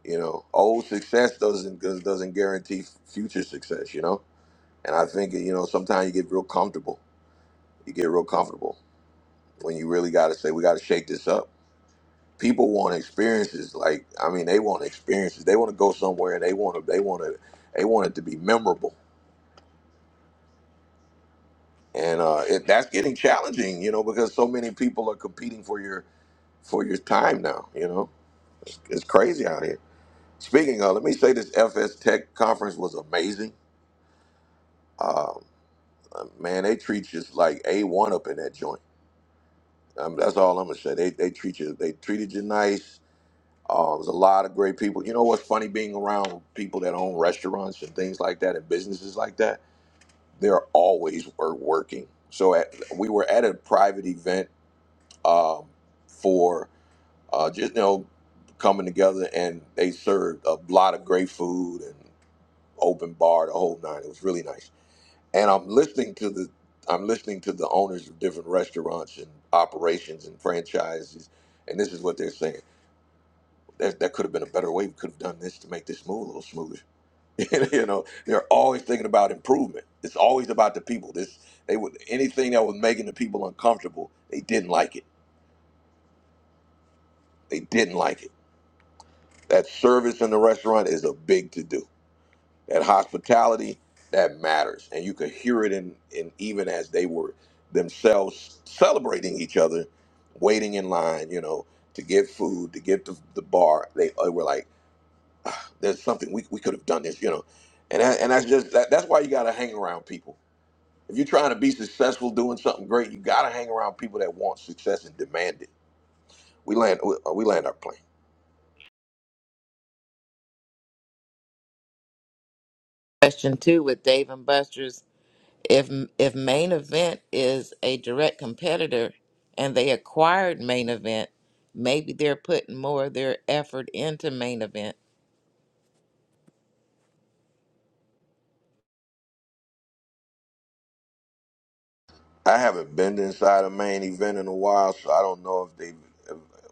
A: You know, old success doesn't does- not does not guarantee future success. You know, and I think you know sometimes you get real comfortable. You get real comfortable when you really got to say we got to shake this up. People want experiences. Like I mean, they want experiences. They want to go somewhere and they want to they want to they want it to be memorable and uh, it, that's getting challenging, you know, because so many people are competing for your for your time now. You know, it's, it's crazy out here. Speaking of, let me say this FS Tech conference was amazing. Um, uh, man, they treat you like a one up in that joint. Um, that's all I'm gonna say. They they treat you they treated you nice. Uh, it was a lot of great people. You know what's funny being around people that own restaurants and things like that and businesses like that. They're always wor- working. So at, we were at a private event um, for uh, just you know coming together, and they served a lot of great food and open bar, the whole nine. It was really nice. And I'm listening to the I'm listening to the owners of different restaurants and operations and franchises, and this is what they're saying. That, that could have been a better way. We could have done this to make this move a little smoother. you know, they're always thinking about improvement. It's always about the people. This they would anything that was making the people uncomfortable. They didn't like it. They didn't like it That service in the restaurant is a big to do. That hospitality that matters, and you could hear it in in even as they were themselves celebrating each other, waiting in line, you know, to get food, to get the, the bar. They, they were like, "There's something we, we could have done this," you know, and that, and that's just that, that's why you got to hang around people. If you're trying to be successful, doing something great, you got to hang around people that want success and demand it. We land we, uh, we land our plane.
E: Question two with Dave and Buster's. if if main event is a direct competitor and they acquired main event maybe they're putting more of their effort into main event
A: I haven't been inside a main event in a while, so I don't know if they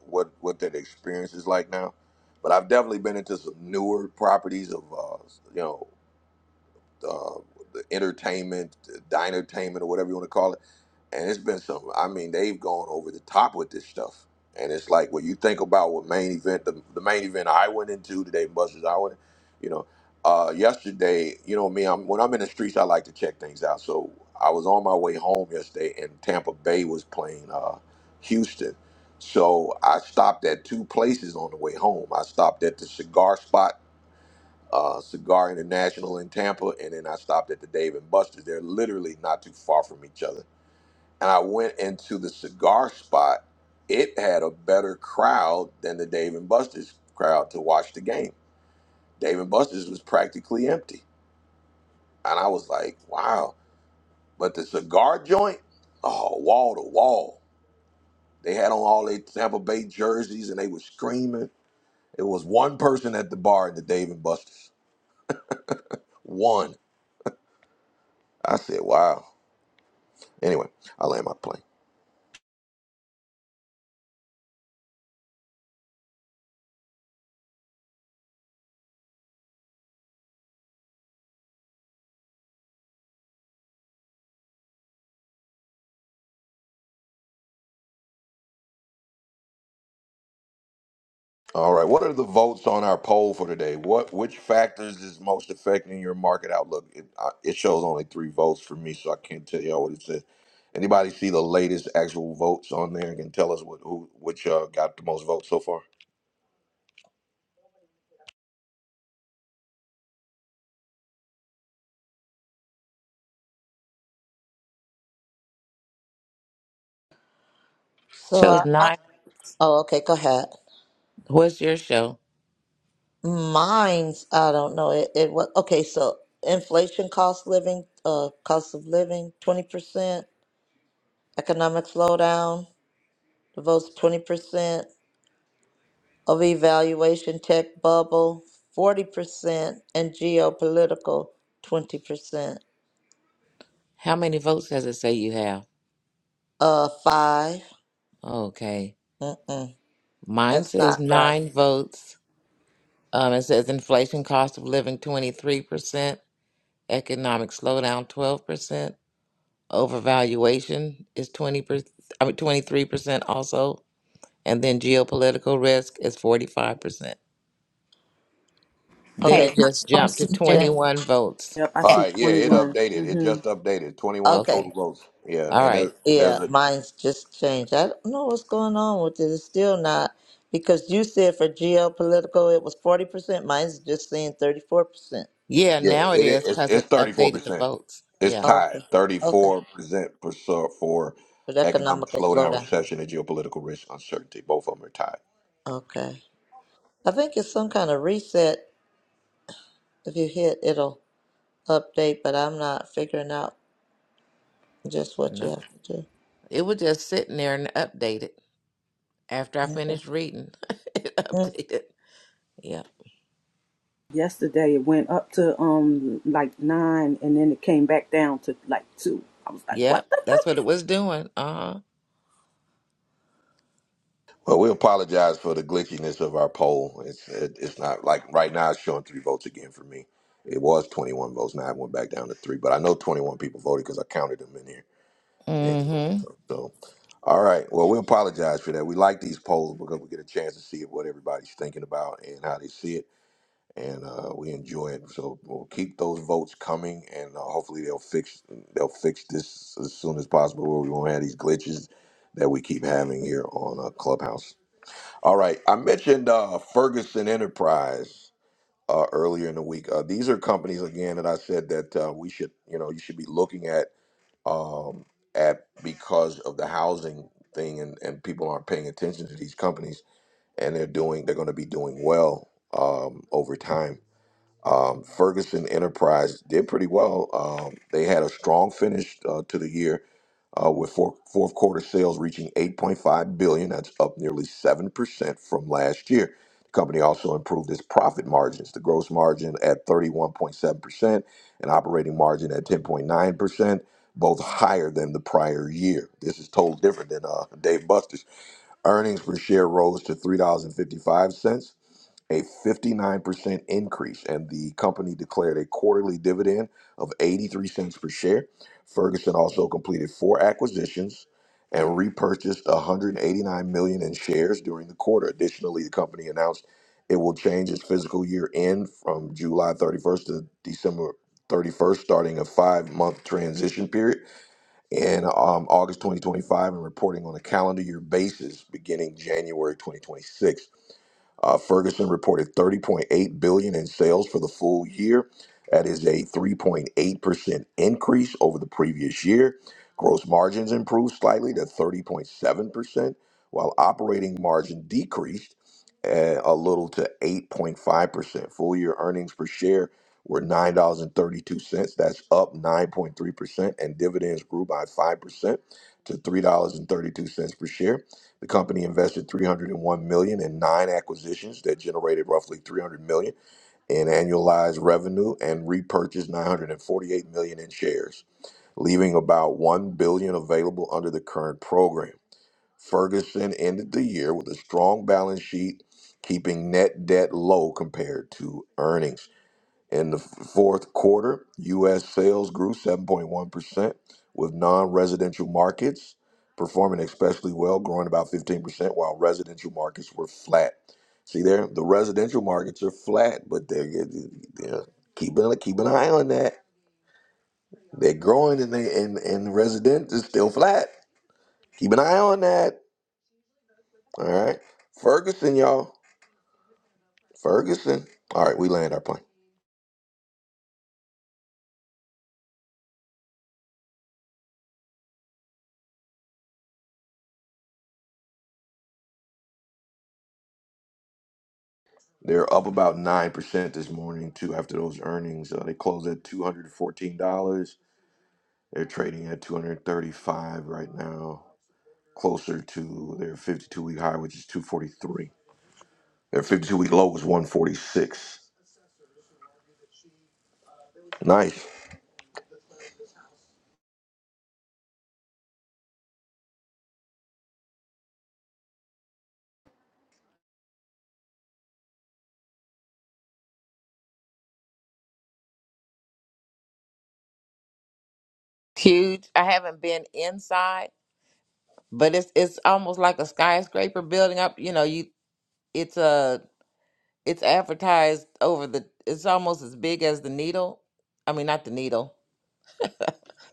A: what what that experience is like now. But I've definitely been into some newer properties of uh, you know uh, the entertainment, dinertainment, or whatever you want to call it and it's been some. I mean, they've gone over the top with this stuff, and it's like when you think about what main event, the, the main event I went into today, Buster's. I went, you know, uh, yesterday, you know me, I'm when I'm in the streets, I like to check things out. So I was on my way home yesterday, and Tampa Bay was playing uh, Houston, so I stopped at two places on the way home. I stopped at the cigar spot. Uh, Cigar International in Tampa, and then I stopped at the Dave and Buster's. They're literally not too far from each other and I went into the cigar spot, it had a better crowd than the Dave and Buster's crowd to watch the game. Dave and Buster's was practically empty. And I was like, wow. But the cigar joint, oh, wall to wall. They had on all their Tampa Bay jerseys and they were screaming. It was one person at the bar at the Dave and Buster's. One. I said, wow. Anyway, I land my plane. All right. What are the votes on our poll for today? What which factors is most affecting your market outlook? It, uh, it shows only three votes for me, so I can't tell y'all what it says. Anybody see the latest actual votes on there and can tell us what who which uh, got the most votes so far?
B: So,
E: shows
B: I, I,
E: nine
B: oh, okay, go ahead.
E: what's your show
B: Mine's, I don't know. It, it was okay. So, inflation, cost living, uh, cost of living, twenty percent. Economic slowdown, the votes twenty percent. Of evaluation, tech bubble, forty percent, and geopolitical, twenty percent.
E: how many votes does it say you have
B: Uh, five.
E: okay
B: Mm-mm.
E: mine
B: That's
E: says
B: not right.
E: nine votes um, it says inflation cost of living 23% economic slowdown 12% overvaluation is 20% i mean 23% also and then geopolitical risk is 45%
M: Okay,
E: Then it
B: Okay,
E: just
M: so I'm
E: jumped to
M: still
B: mine's
M: on
B: changed.
E: 21 votes.
C: Yep. I
A: All
M: Yeah.
C: see
A: right. Yeah,
C: twenty
A: it
C: one.
A: updated. It
C: Mm-hmm.
A: just updated. Twenty one
B: Okay,
A: total
E: Okay.
A: votes. Yeah,
E: All
A: and
E: right.
A: there's, there's
B: yeah,
A: a
B: mine's just changed. I don't know what's going on with it. It's still not because you said for geopolitical it was forty percent. Mine's just saying thirty-four percent.
E: Yeah,
A: yeah.
E: now it
A: It is.
E: is
A: It's,
E: because
A: it's
E: it
A: thirty four
E: updated the
A: percent.
E: votes.
A: It's
E: Yeah.
A: tied
B: Okay,
A: thirty
B: okay,
A: four percent for for
B: but
A: economic
B: economical
A: slowdown,
B: slowdown.
A: recession, and geopolitical risk uncertainty. Both of them are tied.
B: Okay, I think it's some kind of reset. If you hit, it'll update, but I'm not figuring out just what you
E: No.
B: have to do.
E: It was just sitting there and updated after I
B: Okay.
E: finished reading. it
B: Mm.
E: updated. Yeah.
C: Yesterday it went up to um like nine and then it came back down to like two. I was like,
E: Yeah.
C: what the?
E: That's what it was doing. Uh huh.
A: Well, we apologize for the glitchiness of our poll. It's it, it's not like right now it's showing three votes again for me. It was 21 votes. Now it went back down to three, but I know 21 people voted because I counted them in here. Anyway,
E: Mm hmm.
A: so, all right. Well, we apologize for that. We like these polls because we get a chance to see what everybody's thinking about and how they see it, and uh, we enjoy it. So we'll keep those votes coming, and uh, hopefully they'll fix they'll fix this as soon as possible, where we won't have these glitches that we keep having here on uh, Clubhouse. All right. I mentioned uh, Ferguson Enterprise uh, earlier in the week. Uh, these are companies again that I said that uh, we should, you know, you should be looking at um, at because of the housing thing, and, and people aren't paying attention to these companies, and they're doing, they're going to be doing well um, over time. Um, Ferguson Enterprise did pretty well. Um, they had a strong finish uh, to the year uh, with four, fourth quarter sales reaching 8.5 billion. That's up nearly seven percent from last year. The company also improved its profit margins. The gross margin at 31.7 percent and operating margin at 10.9 percent, both higher than the prior year. This is totally different than uh, Dave Buster's. Earnings per share rose to three dollars and fifty five cents a 59% increase, and the company declared a quarterly dividend of 83 cents per share. Ferguson also completed four acquisitions and repurchased 189 million in shares during the quarter. Additionally, the company announced it will change its fiscal year end from July 31st to December 31st, starting a five-month transition period in um, August 2025 and reporting on a calendar year basis beginning January 2026. Uh, Ferguson reported 30.8 billion in sales for the full year. That is a 3.8% increase over the previous year. Gross margins improved slightly to 30.7%, while operating margin decreased uh, a little to 8.5%. Full year earnings per share were $9.32. That's up 9.3%, and dividends grew by 5% to $3.32 per share. The company invested 301 million in nine acquisitions that generated roughly 300 million in annualized revenue and repurchased 948 million in shares, leaving about 1 billion available under the current program. Ferguson ended the year with a strong balance sheet, keeping net debt low compared to earnings. In the fourth quarter, U.S. sales grew 7.1%, with non residential markets performing especially well, growing about 15%, while residential markets were flat. See there, the residential markets are flat, but they're, they're keeping, keep an eye on that. They're growing and, they, and, and resident is still flat. Keep an eye on that. All right. Ferguson, y'all. Ferguson. All right, we land our plane. They're up about 9% this morning, too, after those earnings. Uh, they closed at $214. They're trading at 235 right now, closer to their 52 week high, which is 243. Their 52 week low was 146. Nice.
E: Huge. I haven't been inside, but it's it's almost like a skyscraper building up. You know, you it's a it's advertised over the it's almost as big as the needle. I mean, not the needle.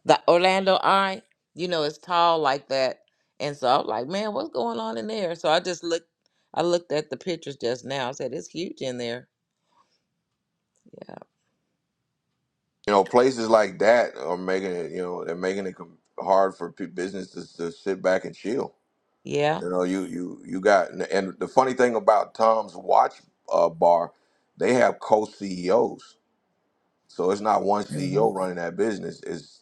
E: the Orlando Eye, you know, it's tall like that. And so I'm like, man, what's going on in there? So I just looked, I looked at the pictures just now. I said, it's huge in there. Yeah.
A: You know, places like that are making it, you know, they're making it com- hard for pe- business to, to sit back and chill.
E: Yeah.
A: You know, you you you got and the funny thing about Tom's watch uh, bar, they have co-CEOs. So it's not one
E: hmm
A: CEO running that business, it's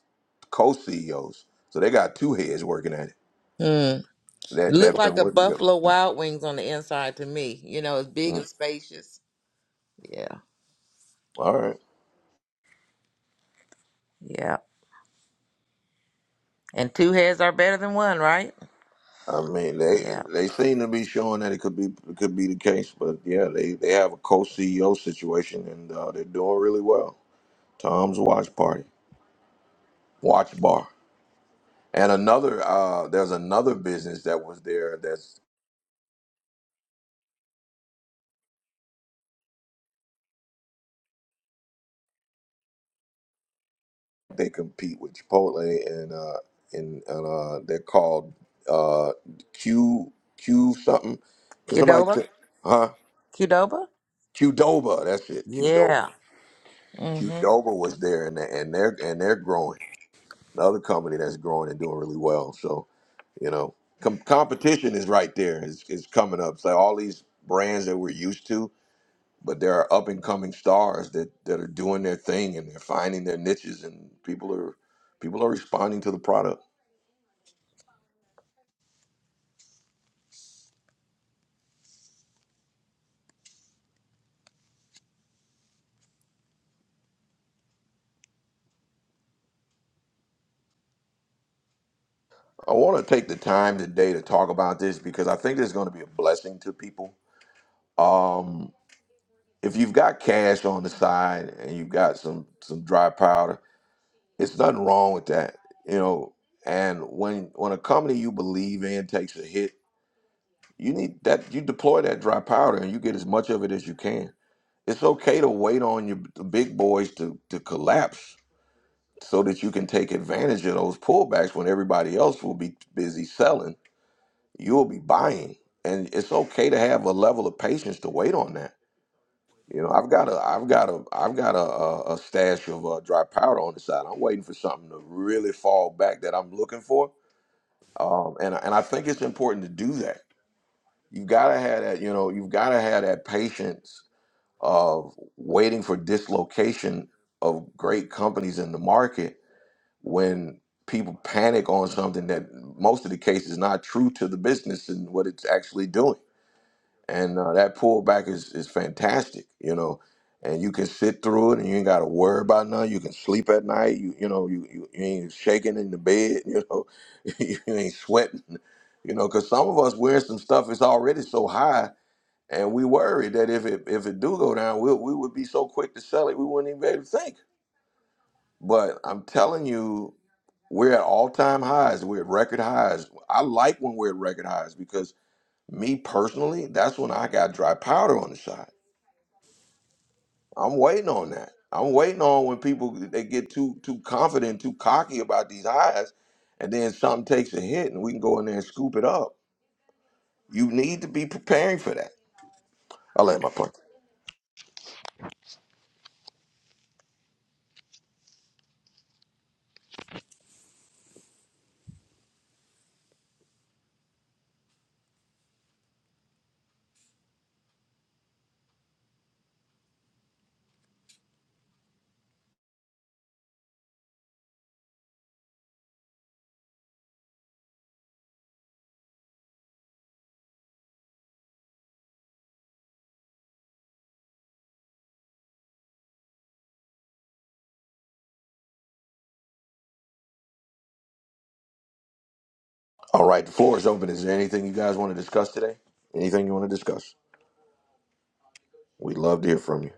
A: co CEOs. So they got two heads working at it.
E: Hmm. It
A: That
E: looked
A: that's
E: like
A: been
E: a
A: working together.
E: Buffalo Wild Wings on the inside to me. You know, it's big
A: Mhm.
E: and spacious. Yeah.
A: All right.
E: Yeah. And two heads are better than one, right?
A: I mean they
E: Yeah.
A: they seem to be showing that it could be it could be the case, but yeah, they, they have a co CEO situation and uh, they're doing really well. Tom's watch party, watch bar. And another uh, there's another business that was there that's. They compete with Chipotle, and uh, and, and uh, they're called uh, Q Q something. Can somebody, t-
E: Qdoba?
A: huh?
E: Qdoba?
A: Qdoba. That's it. Qdoba.
E: Yeah. Mm-hmm.
A: Qdoba was there, and they- and they're and they're growing. Another company that's growing and doing really well. So you know, com- competition is right there. It's, it's coming up. So all these brands that we're used to, but there are up and coming stars that that are doing their thing and they're finding their niches, and people are people are responding to the product. I want to take the time today to talk about this because I think there's going to be a blessing to people. Um, if you've got cash on the side and you've got some some dry powder, it's nothing wrong with that, you know. And when when a company you believe in takes a hit, you need that you deploy that dry powder and you get as much of it as you can. It's okay to wait on your the big boys to to collapse so that you can take advantage of those pullbacks when everybody else will be busy selling you'll be buying and it's okay to have a level of patience to wait on that you know i've got a i've got a i've got a, a, a stash of uh, dry powder on the side i'm waiting for something to really fall back that i'm looking for um, and, and i think it's important to do that you've got to have that you know you've got to have that patience of waiting for dislocation of great companies in the market when people panic on something that most of the case is not true to the business and what it's actually doing and uh, that pullback is is fantastic, you know. And you can sit through it, and you ain't got to worry about nothing. You can sleep at night. You you know you you, you ain't shaking in the bed. You know, you ain't sweating. You know, because some of us wearing some stuff is already so high, and we worry that if it if it do go down, we we would be so quick to sell it, we wouldn't even be able to think. But I'm telling you, we're at all time highs. We're at record highs. I like when we're at record highs because me personally, that's when I got dry powder on the side I'm waiting on that. I'm waiting on when people they get too too confident, too cocky about these hires, and then something takes a hit, and we can go in there and scoop it up. You need to be preparing for that. I'll land my point. All right, the floor is open. Is there anything you guys want to discuss today? Anything you want to discuss? We'd love to hear from you.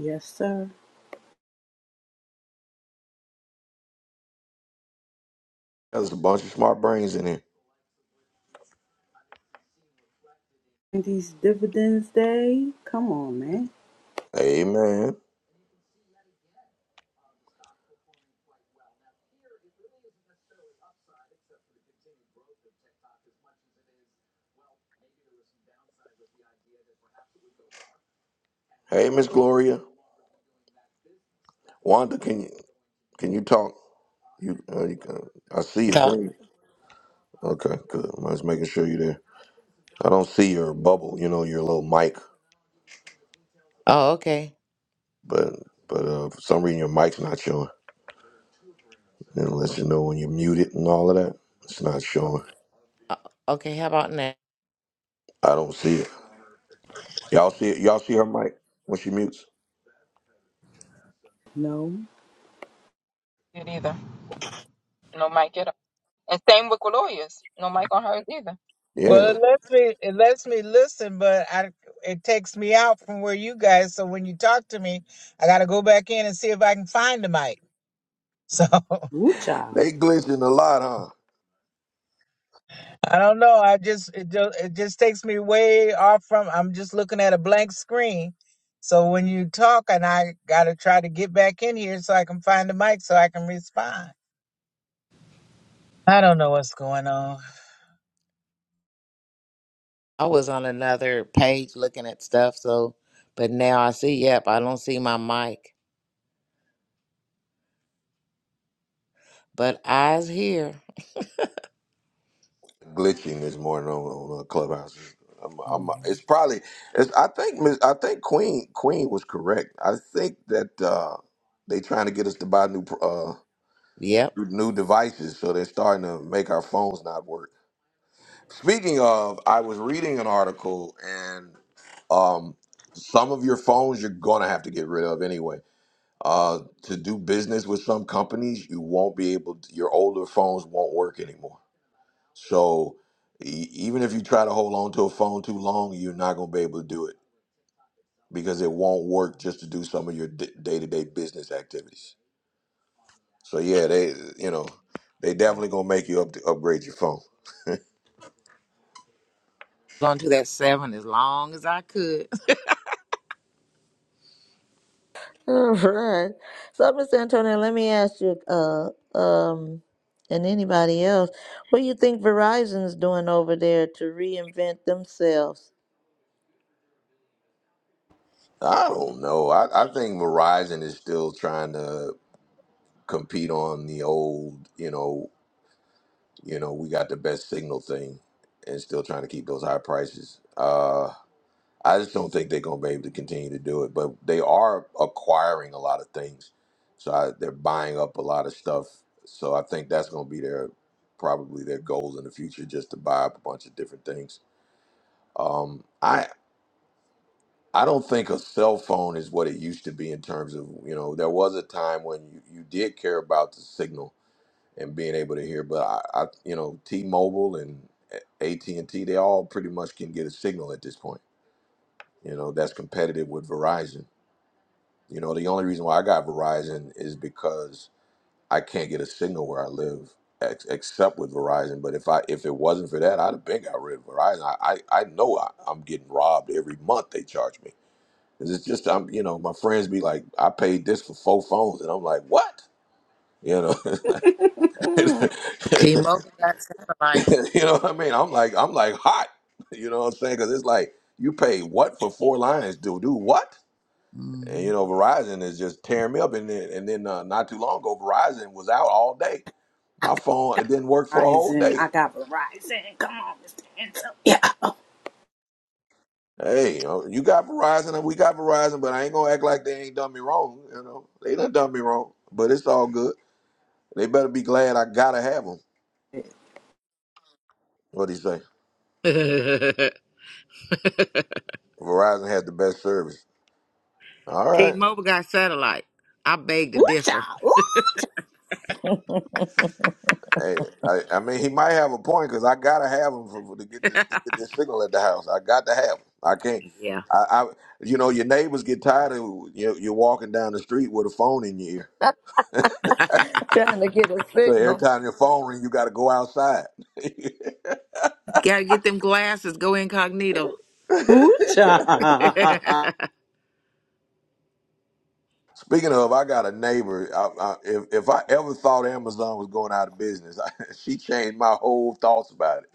C: Yes, sir.
A: There's a bunch of smart brains in here.
C: These dividends day? Come on, man.
A: Hey man. Hey Miss Gloria. Wanda, can you can you talk? You, uh, you can, I see your thing. Okay, good. I'm just making sure you're there. I don't see your bubble, you know, your little mic,
E: Oh, okay.
A: but but uh, for some reason your mic's not showing. And it lets you know when you're muted and all of that. It's not
E: R-
A: showing.
E: uh, Okay. How about now?
A: I don't see it. Y'all see it? Y'all see her mic when she mutes?
C: No.
D: It either. No mic at all. And same with lawyers. No mic on hers either.
K: Well,
A: Yeah,
K: it lets me it lets me listen, but I it takes me out from where you guys. So when you talk to me, I got to go back in and see if I can find the mic. So I
C: Woo child.
A: they glitching a lot, huh?
K: don't know. I just it just it just takes me way off from. I'm just looking at a blank screen. So when you talk, and I got to try to get back in here so I can find the mic so I can respond. I don't know what's going on.
E: I was on another page looking at stuff, so but now I see, yep, I don't see my mic. But eyes here.
A: Glitching this morning on, on uh, Clubhouse. I'm, I'm,
E: Mhm.
A: it's probably. It's, I think. Miss- I think Queen Queen was correct. I think that uh, they trying to get us to buy new uh,
E: Yep.
A: new devices, so they're starting to make our phones not work. Speaking of, I was reading an article, and um, some of your phones you're gonna have to get rid of anyway. Uh, to do business with some companies, you won't be able. To, your older phones won't work anymore. So e- even if you try to hold on to a phone too long, you're not gonna be able to do it because it won't work just to do some of your d- day-to-day business activities. So yeah, they you know they definitely gonna make you up upgrade your phone.
E: On to that seven as long as I could.
B: All right. So, Mr. Antonio, let me ask you, uh, um, and anybody else, what do you think Verizon's doing over there to reinvent themselves?
A: I don't know. I, I think Verizon is still trying to. compete on the old, you know, you know, we got the best signal thing and still trying to keep those high prices. Uh I just don't think they're gonna be able to continue to do it. But they are acquiring a lot of things. So I, they're buying up a lot of stuff. So I think that's gonna be their probably their goals in the future just to buy up a bunch of different things. Um I I don't think a cell phone is what it used to be in terms of, you know, there was a time when you, you did care about the signal and being able to hear. But I, I you know, T-Mobile and AT and T, they all pretty much can get a signal at this point. You know, that's competitive with Verizon. You know, the only reason why I got Verizon is because I can't get a signal where I live, ex- except with Verizon. But if I if it wasn't for that, I'd have been got rid of Verizon. I I, I know I, I'm getting robbed every month. They charge me. 'Cause It's just I'm you know my friends be like I paid this for four phones and I'm like what you know
E: T Mobile got satellite.
A: you know what I mean? I'm like, I'm like hot. You know what I'm saying? Because it's like you pay what for four lines, dude? Do what? And
E: hmm
A: you know, Verizon is just tearing me up. And then, and then uh, not too long ago, Verizon was out all day. My phone it didn't work for a whole
C: Verizon.
A: day.
C: I got Verizon. Come on, Mr. Ansel. Yeah.
A: Hey, you know, you got Verizon and we got Verizon, but I ain't gonna act like they ain't done me wrong. You know, they done done me wrong, but it's all good. They better be glad I gotta have them. What do you say? Verizon had the best service. All right.
E: T Mobile got satellite. I beg to
C: Woo
E: differ.
C: child. Woo
A: Hey, I, I mean, he might have a point because I gotta have him for, for- to get this to get this signal at the house. I got to have him. I can't.
E: Yeah.
A: I, I you know, your neighbors get tired of you. You're walking down the street with a phone in your ear.
B: Trying to get a
A: So every
B: signal.
A: time your phone rings, you got to go outside.
E: Gotta get them glasses, go incognito.
C: Woo, child.
E: Air
A: Speaking of, I got a neighbor. I, I, if if I ever thought Amazon was going out of business, I, she changed my whole thoughts about it.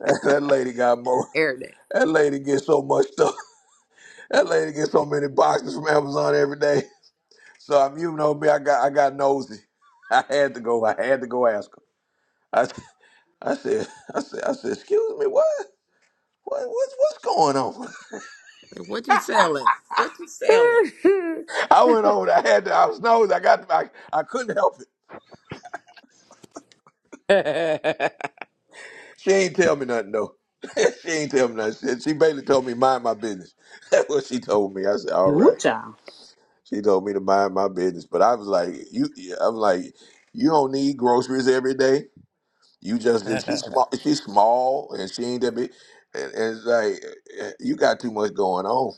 A: that lady got more.
E: day.
A: That lady gets so much stuff. That lady gets so many boxes from Amazon every day. So I'm, you know me, I got I got nosy. I had to go. I had to go ask her. I, I said, I said, I said, excuse me, what? What, what's what's going on?
E: What you selling? What you selling?
A: I went over. I had to. I was nosy. I got. I, I couldn't help it. She ain't tell me nothing though. she ain't tell me nothing. She, she basically told me mind my business. That's what she told me. I said, all
C: Woo
A: right.
C: child.
A: She told me to mind my business. But I was like, you. yeah," I was like, you don't need groceries every day. You just and she's small. She's small, and she ain't that big. And, and it's like eh, eh, you got too much going on.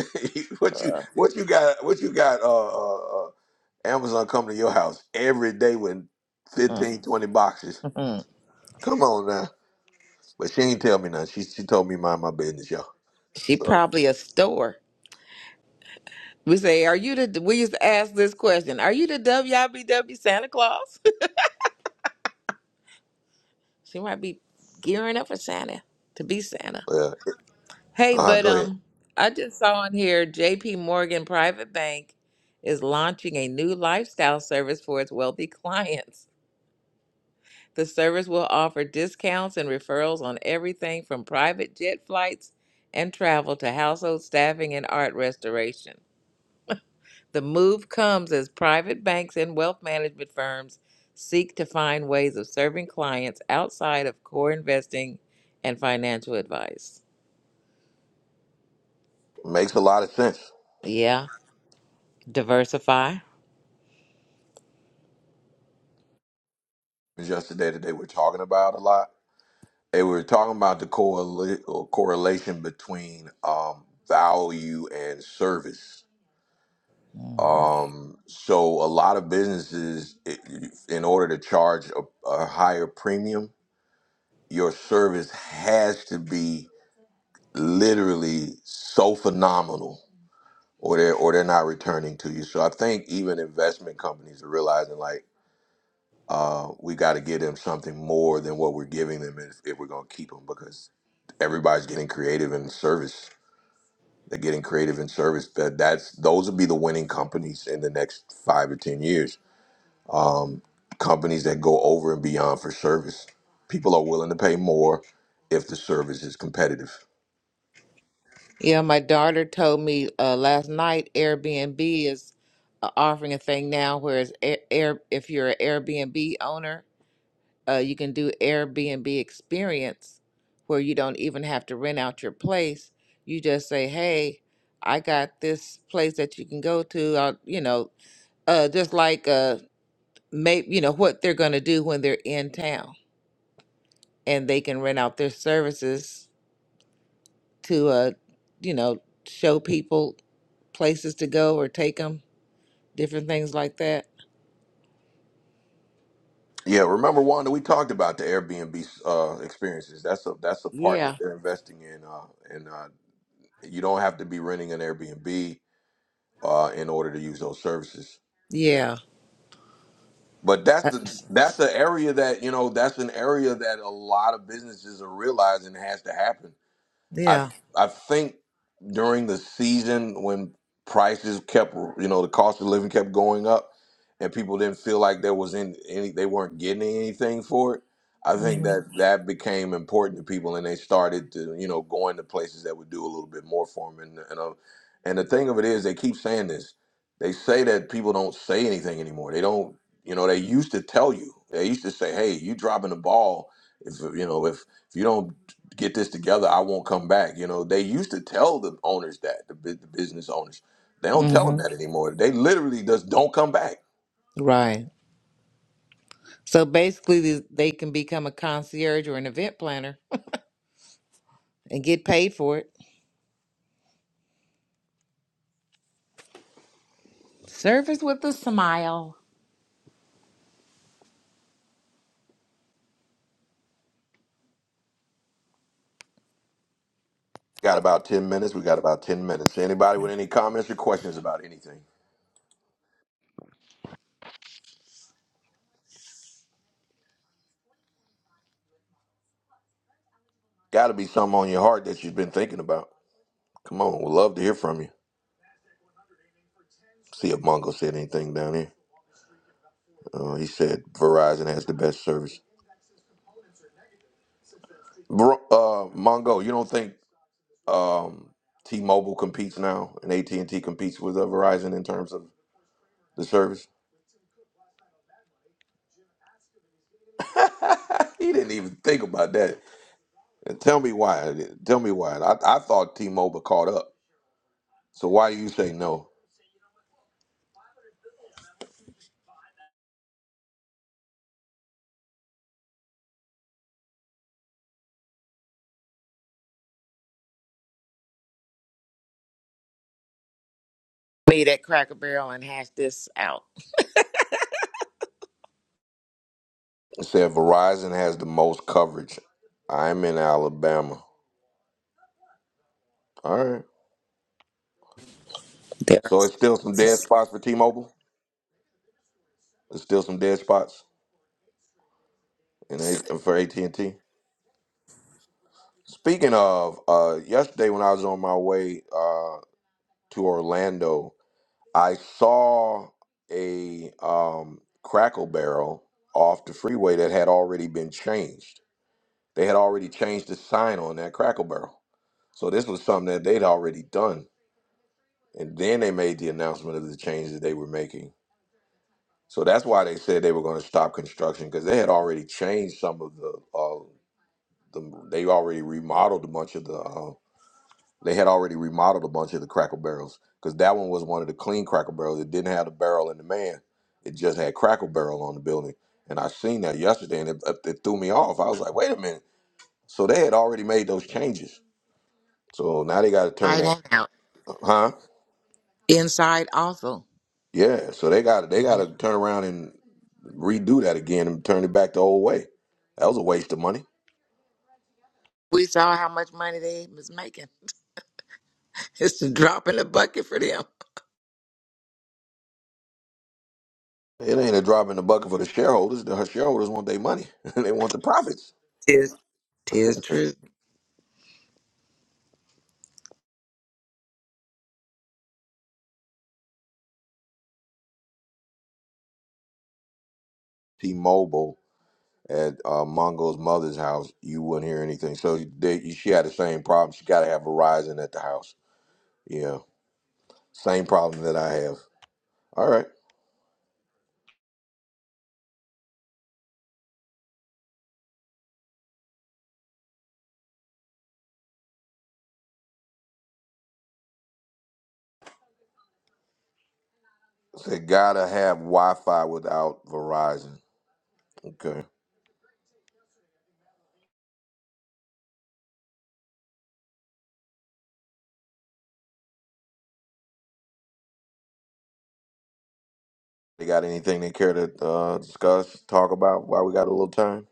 A: what you what you got? What you got? Uh, uh, uh, Amazon coming to your house every day with 15, 20 boxes. Come on now. But she ain't tell me nothing. She she told me mind my business, y'all.
E: she
A: So
E: probably a store. We say, "Are you the?" We used to ask this question: "Are you the WIBW Santa Claus?" she might be gearing up for Santa to be Santa.
A: yeah.
E: Hey,
A: Uh,
E: but
A: go ahead.
E: um, I just saw on here J.P. Morgan Private Bank is launching a new lifestyle service for its wealthy clients. The service will offer discounts and referrals on everything from private jet flights and travel to household staffing and art restoration. The move comes as private banks and wealth management firms seek to find ways of serving clients outside of core investing and financial advice.
A: Makes a lot of sense.
E: Yeah, diversify.
A: Just today, today we're talking about a lot. They were talking about the correla- correlation between um, value and service.
E: hmm
A: Um, so a lot of businesses, it, in order to charge a, a higher premium, your service has to be literally so phenomenal, or they're or they're not returning to you. So I think even investment companies are realizing like uh, we got to give them something more than what we're giving them if, if we're gonna keep them because everybody's getting creative in service. They're getting creative in service. That that's those will be the winning companies in the next five or ten years. Companies that go over and beyond for service. People are willing to pay more if the service is competitive.
E: Yeah, my daughter told me uh, last night Airbnb is uh, offering a thing now where it's air, air, if you're an Airbnb owner, Uh, you can do Airbnb experience where you don't even have to rent out your place. You just say, "Hey, I got this place that you can go to." Uh, you know, uh, just like uh, maybe you know what they're going to do when they're in town, and they can rent out their services to uh, you know, show people places to go or take them, different things like that.
A: Yeah, remember Wanda, we talked about the Airbnb uh, experiences. That's a that's a part that
E: Yeah,
A: they're investing in, uh, and uh, you don't have to be renting an Airbnb uh, in order to use those services.
E: yeah,
A: But that's
E: Uh,
A: the that's the area that you know that's an area that a lot of businesses are realizing has to happen. I
E: yeah.
A: I think during the season when prices kept you know the cost of living kept going up and people didn't feel like there was in any they weren't getting anything for it. I think
E: Mm-hmm.
A: that that became important to people and they started to you know going to places that would do a little bit more for them and and uh, and the thing of it is they keep saying this. They say that people don't say anything anymore. They don't you know they used to tell you. They used to say, "Hey, you dropping the ball if you know if if you don't get this together. I won't come back. You know, they used to tell the owners that the, bu- the business owners. They don't tell them
E: Mm-hmm.
A: that anymore. They literally just don't come back.
E: Right. So basically, th- they can become a concierge or an event planner and get paid for it. Service with a smile.
A: Got about ten minutes. We got about ten minutes. Anybody with any comments or questions about anything? Got to be something on your heart that you've been thinking about. Come on, we'd love to hear from you. See if Mongo said anything down here. Uh, he said Verizon has the best service. Bro, uh, Mongo, you don't think um, T-Mobile competes now and AT&T competes with uh, Verizon in terms of the service? he didn't even think about that. And tell me why. Tell me why. I, I thought T-Mobile caught up. So why you say no?
E: Made at Cracker Barrel and hash this out.
A: It said Verizon has the most coverage. I'm in Alabama. All right.
E: They're
A: So it's still some dead spots for T-Mobile. There's still some dead spots in A- for AT&T. Speaking of, uh, yesterday when I was on my way uh, to Orlando, I saw a um, crackle barrel off the freeway that had already been changed. They had already changed the sign on that crackle barrel. So this was something that they'd already done. And then they made the announcement of the change that they were making. So that's why they said they were going to stop construction because they had already changed some of the, uh, the they already remodeled a bunch of the uh, They had already remodeled a bunch of the Cracker barrels because that one was one of the clean Cracker barrels. It didn't have the barrel and the man. It just had Cracker barrel on the building. And I seen that yesterday, and it, it threw me off. I was like, wait a minute. So they had already made those changes. So now they got to turn
E: inside
A: that,
E: and out.
A: huh?
E: Inside also.
A: Yeah. So they got they got to
E: Mhm.
A: turn around and redo that again and turn it back the old way. That was a waste of money.
E: We saw how much money they was making. It's a drop in the bucket for them.
A: It ain't a drop in the bucket for the shareholders. The shareholders want their money. they want the profits.
E: Tis, tis true.
A: T-Mobile at uh, Mongo's mother's house, you wouldn't hear anything. So they, she had the same problem. She got to have Verizon at the house. Yeah, same problem that I have. All right, so gotta have Wi-Fi without Verizon. Okay, they got anything they care to uh, discuss, talk about? While we got a little time,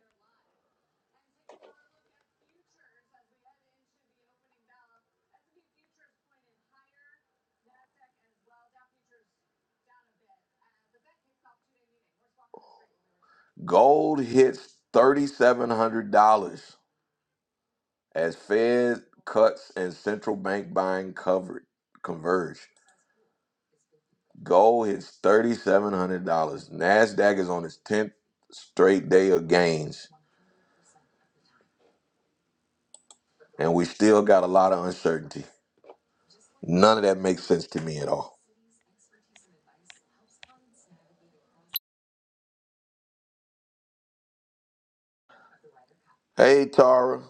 A: gold hits thirty-seven hundred dollars as Fed cuts and central bank buying covered converge. Gold hits $3,700. NASDAQ is on its 10th straight day of gains, and we still got a lot of uncertainty. None of that makes sense to me at all. Hey, Tara,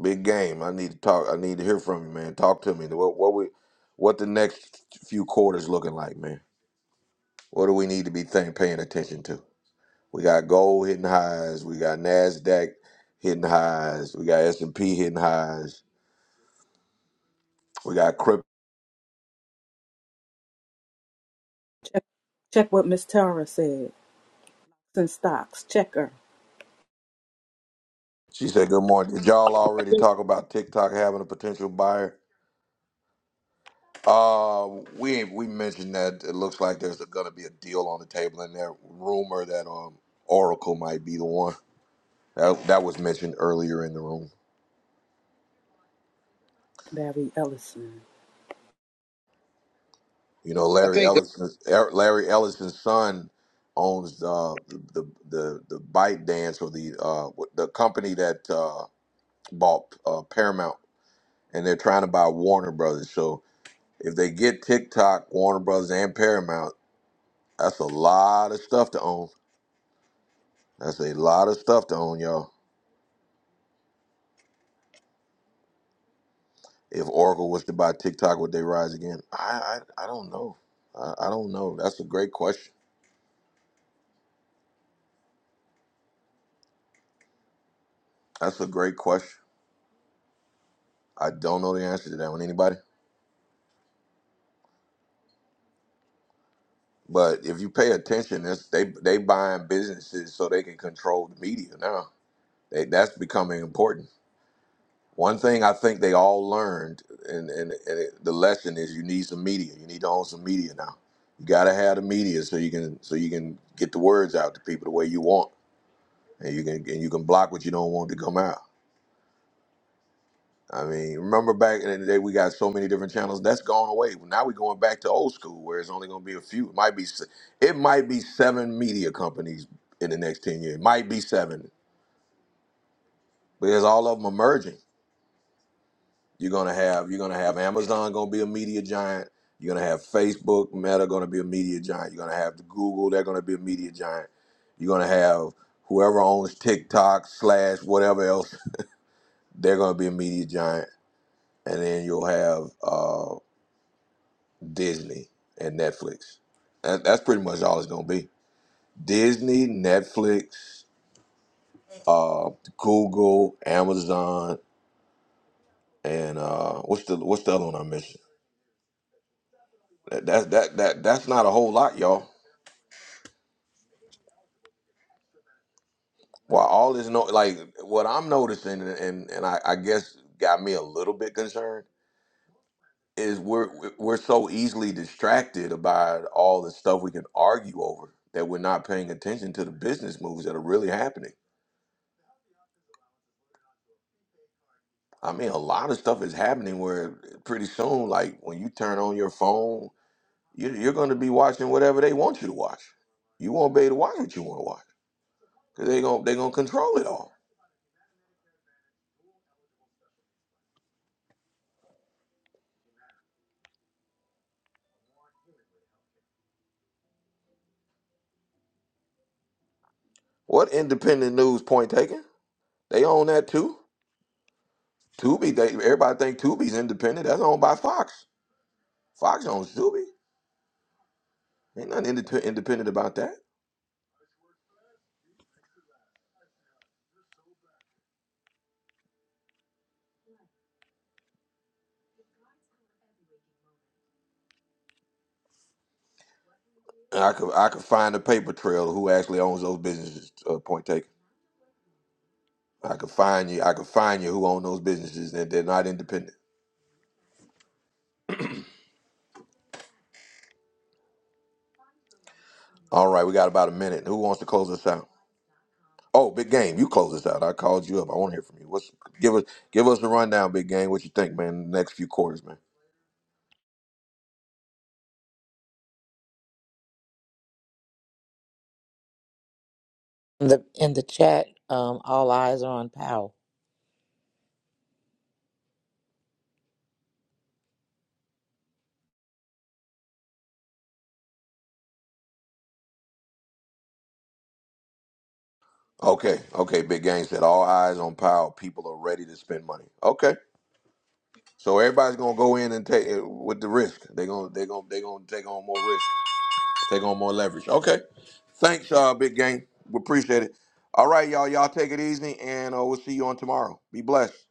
A: big game. I need to talk. I need to hear from you, man. Talk to me. What, what, we, what the next few quarters looking like, man? What do we need to be think, paying attention to? We got gold hitting highs. We got NASDAQ hitting highs. We got S&P hitting highs. We got crypto.
C: Check, check what Miss Tara said. Stocks. Check her.
A: She said, "Good morning. Did y'all already talk about TikTok having a potential buyer? Uh, we we mentioned that it looks like there's going to be a deal on the table and there. Rumor that um Oracle might be the one that that was mentioned earlier in the room.
C: Barry Ellison.
A: You know,
N: I
A: Larry
N: think
A: Ellison, Er- Larry Ellison's son owns uh, the the the Byte Dance or the uh the company that uh, bought uh, Paramount, and they're trying to buy Warner Brothers. So if they get TikTok, Warner Brothers, and Paramount." That's a lot of stuff to own. That's a lot of stuff to own, y'all. If Oracle was to buy TikTok, would they rise again? I I, I don't know. I, I don't know. That's a great question. That's a great question. I don't know the answer to that one. Anybody? But if you pay attention, it's, they they buying businesses so they can control the media now. They, that's becoming important. One thing I think they all learned, and, and, and it, the lesson is you need some media. You need to own some media now. You gotta have the media so you can so you can get the words out to people the way you want, and you can and you can block what you don't want to come out. I mean, remember back in the day we got so many different channels. That's gone away. Well, Now we're going back to old school where it's only gonna be a few. It might be se- it might be seven media companies in the next ten years. It might be seven because all of them are merging You're gonna have you're gonna have Amazon gonna be a media giant. You're gonna have Facebook, Meta gonna be a media giant. You're gonna have the Google, they're gonna be a media giant. You're gonna have whoever owns TikTok slash whatever else, they're gonna be a media giant. And then you'll have uh, Disney and Netflix. That, that's pretty much all it's gonna be. Disney, Netflix, uh, Google, Amazon, and uh, what's the what's the other one I'm missing? That, that that that that's not a whole lot, y'all Well, all this no like what I'm noticing, and and, and I, I guess got me a little bit concerned is we're we're so easily distracted about all the stuff we can argue over that we're not paying attention to the business moves that are really happening. I mean, a lot of stuff is happening where pretty soon, like when you turn on your phone, you, you're going to be watching whatever they want you to watch. You won't be able to watch what you want to watch because they're going to they're going to control it all. What independent news point taken? They own that too. Tubi, they, everybody think Tubi's independent. That's owned by Fox. Fox owns Tubi. Ain't nothing inde- independent about that. And I could I could find a paper trail of who actually owns those businesses. Uh, point taken. I could find you. I could find you who own those businesses and they're not independent. All right, we got about a minute. Who wants to close us out? Oh, big game, you close us out. I called you up. I want to hear from you. What's give us give us a rundown, big game. What you think, man? The next few quarters, man.
E: In the, in the chat, um, all eyes are on Powell.
A: Okay, okay. Big game said all eyes on Powell. People are ready to spend money. Okay. So everybody's gonna go in and take it with the risk. They're gonna they're gonna they're gonna take on more risk, take on more leverage. Okay. Thanks, uh, big gang. We appreciate it. All right, y'all. Y'all take it easy, and uh, we'll see you on tomorrow. Be blessed.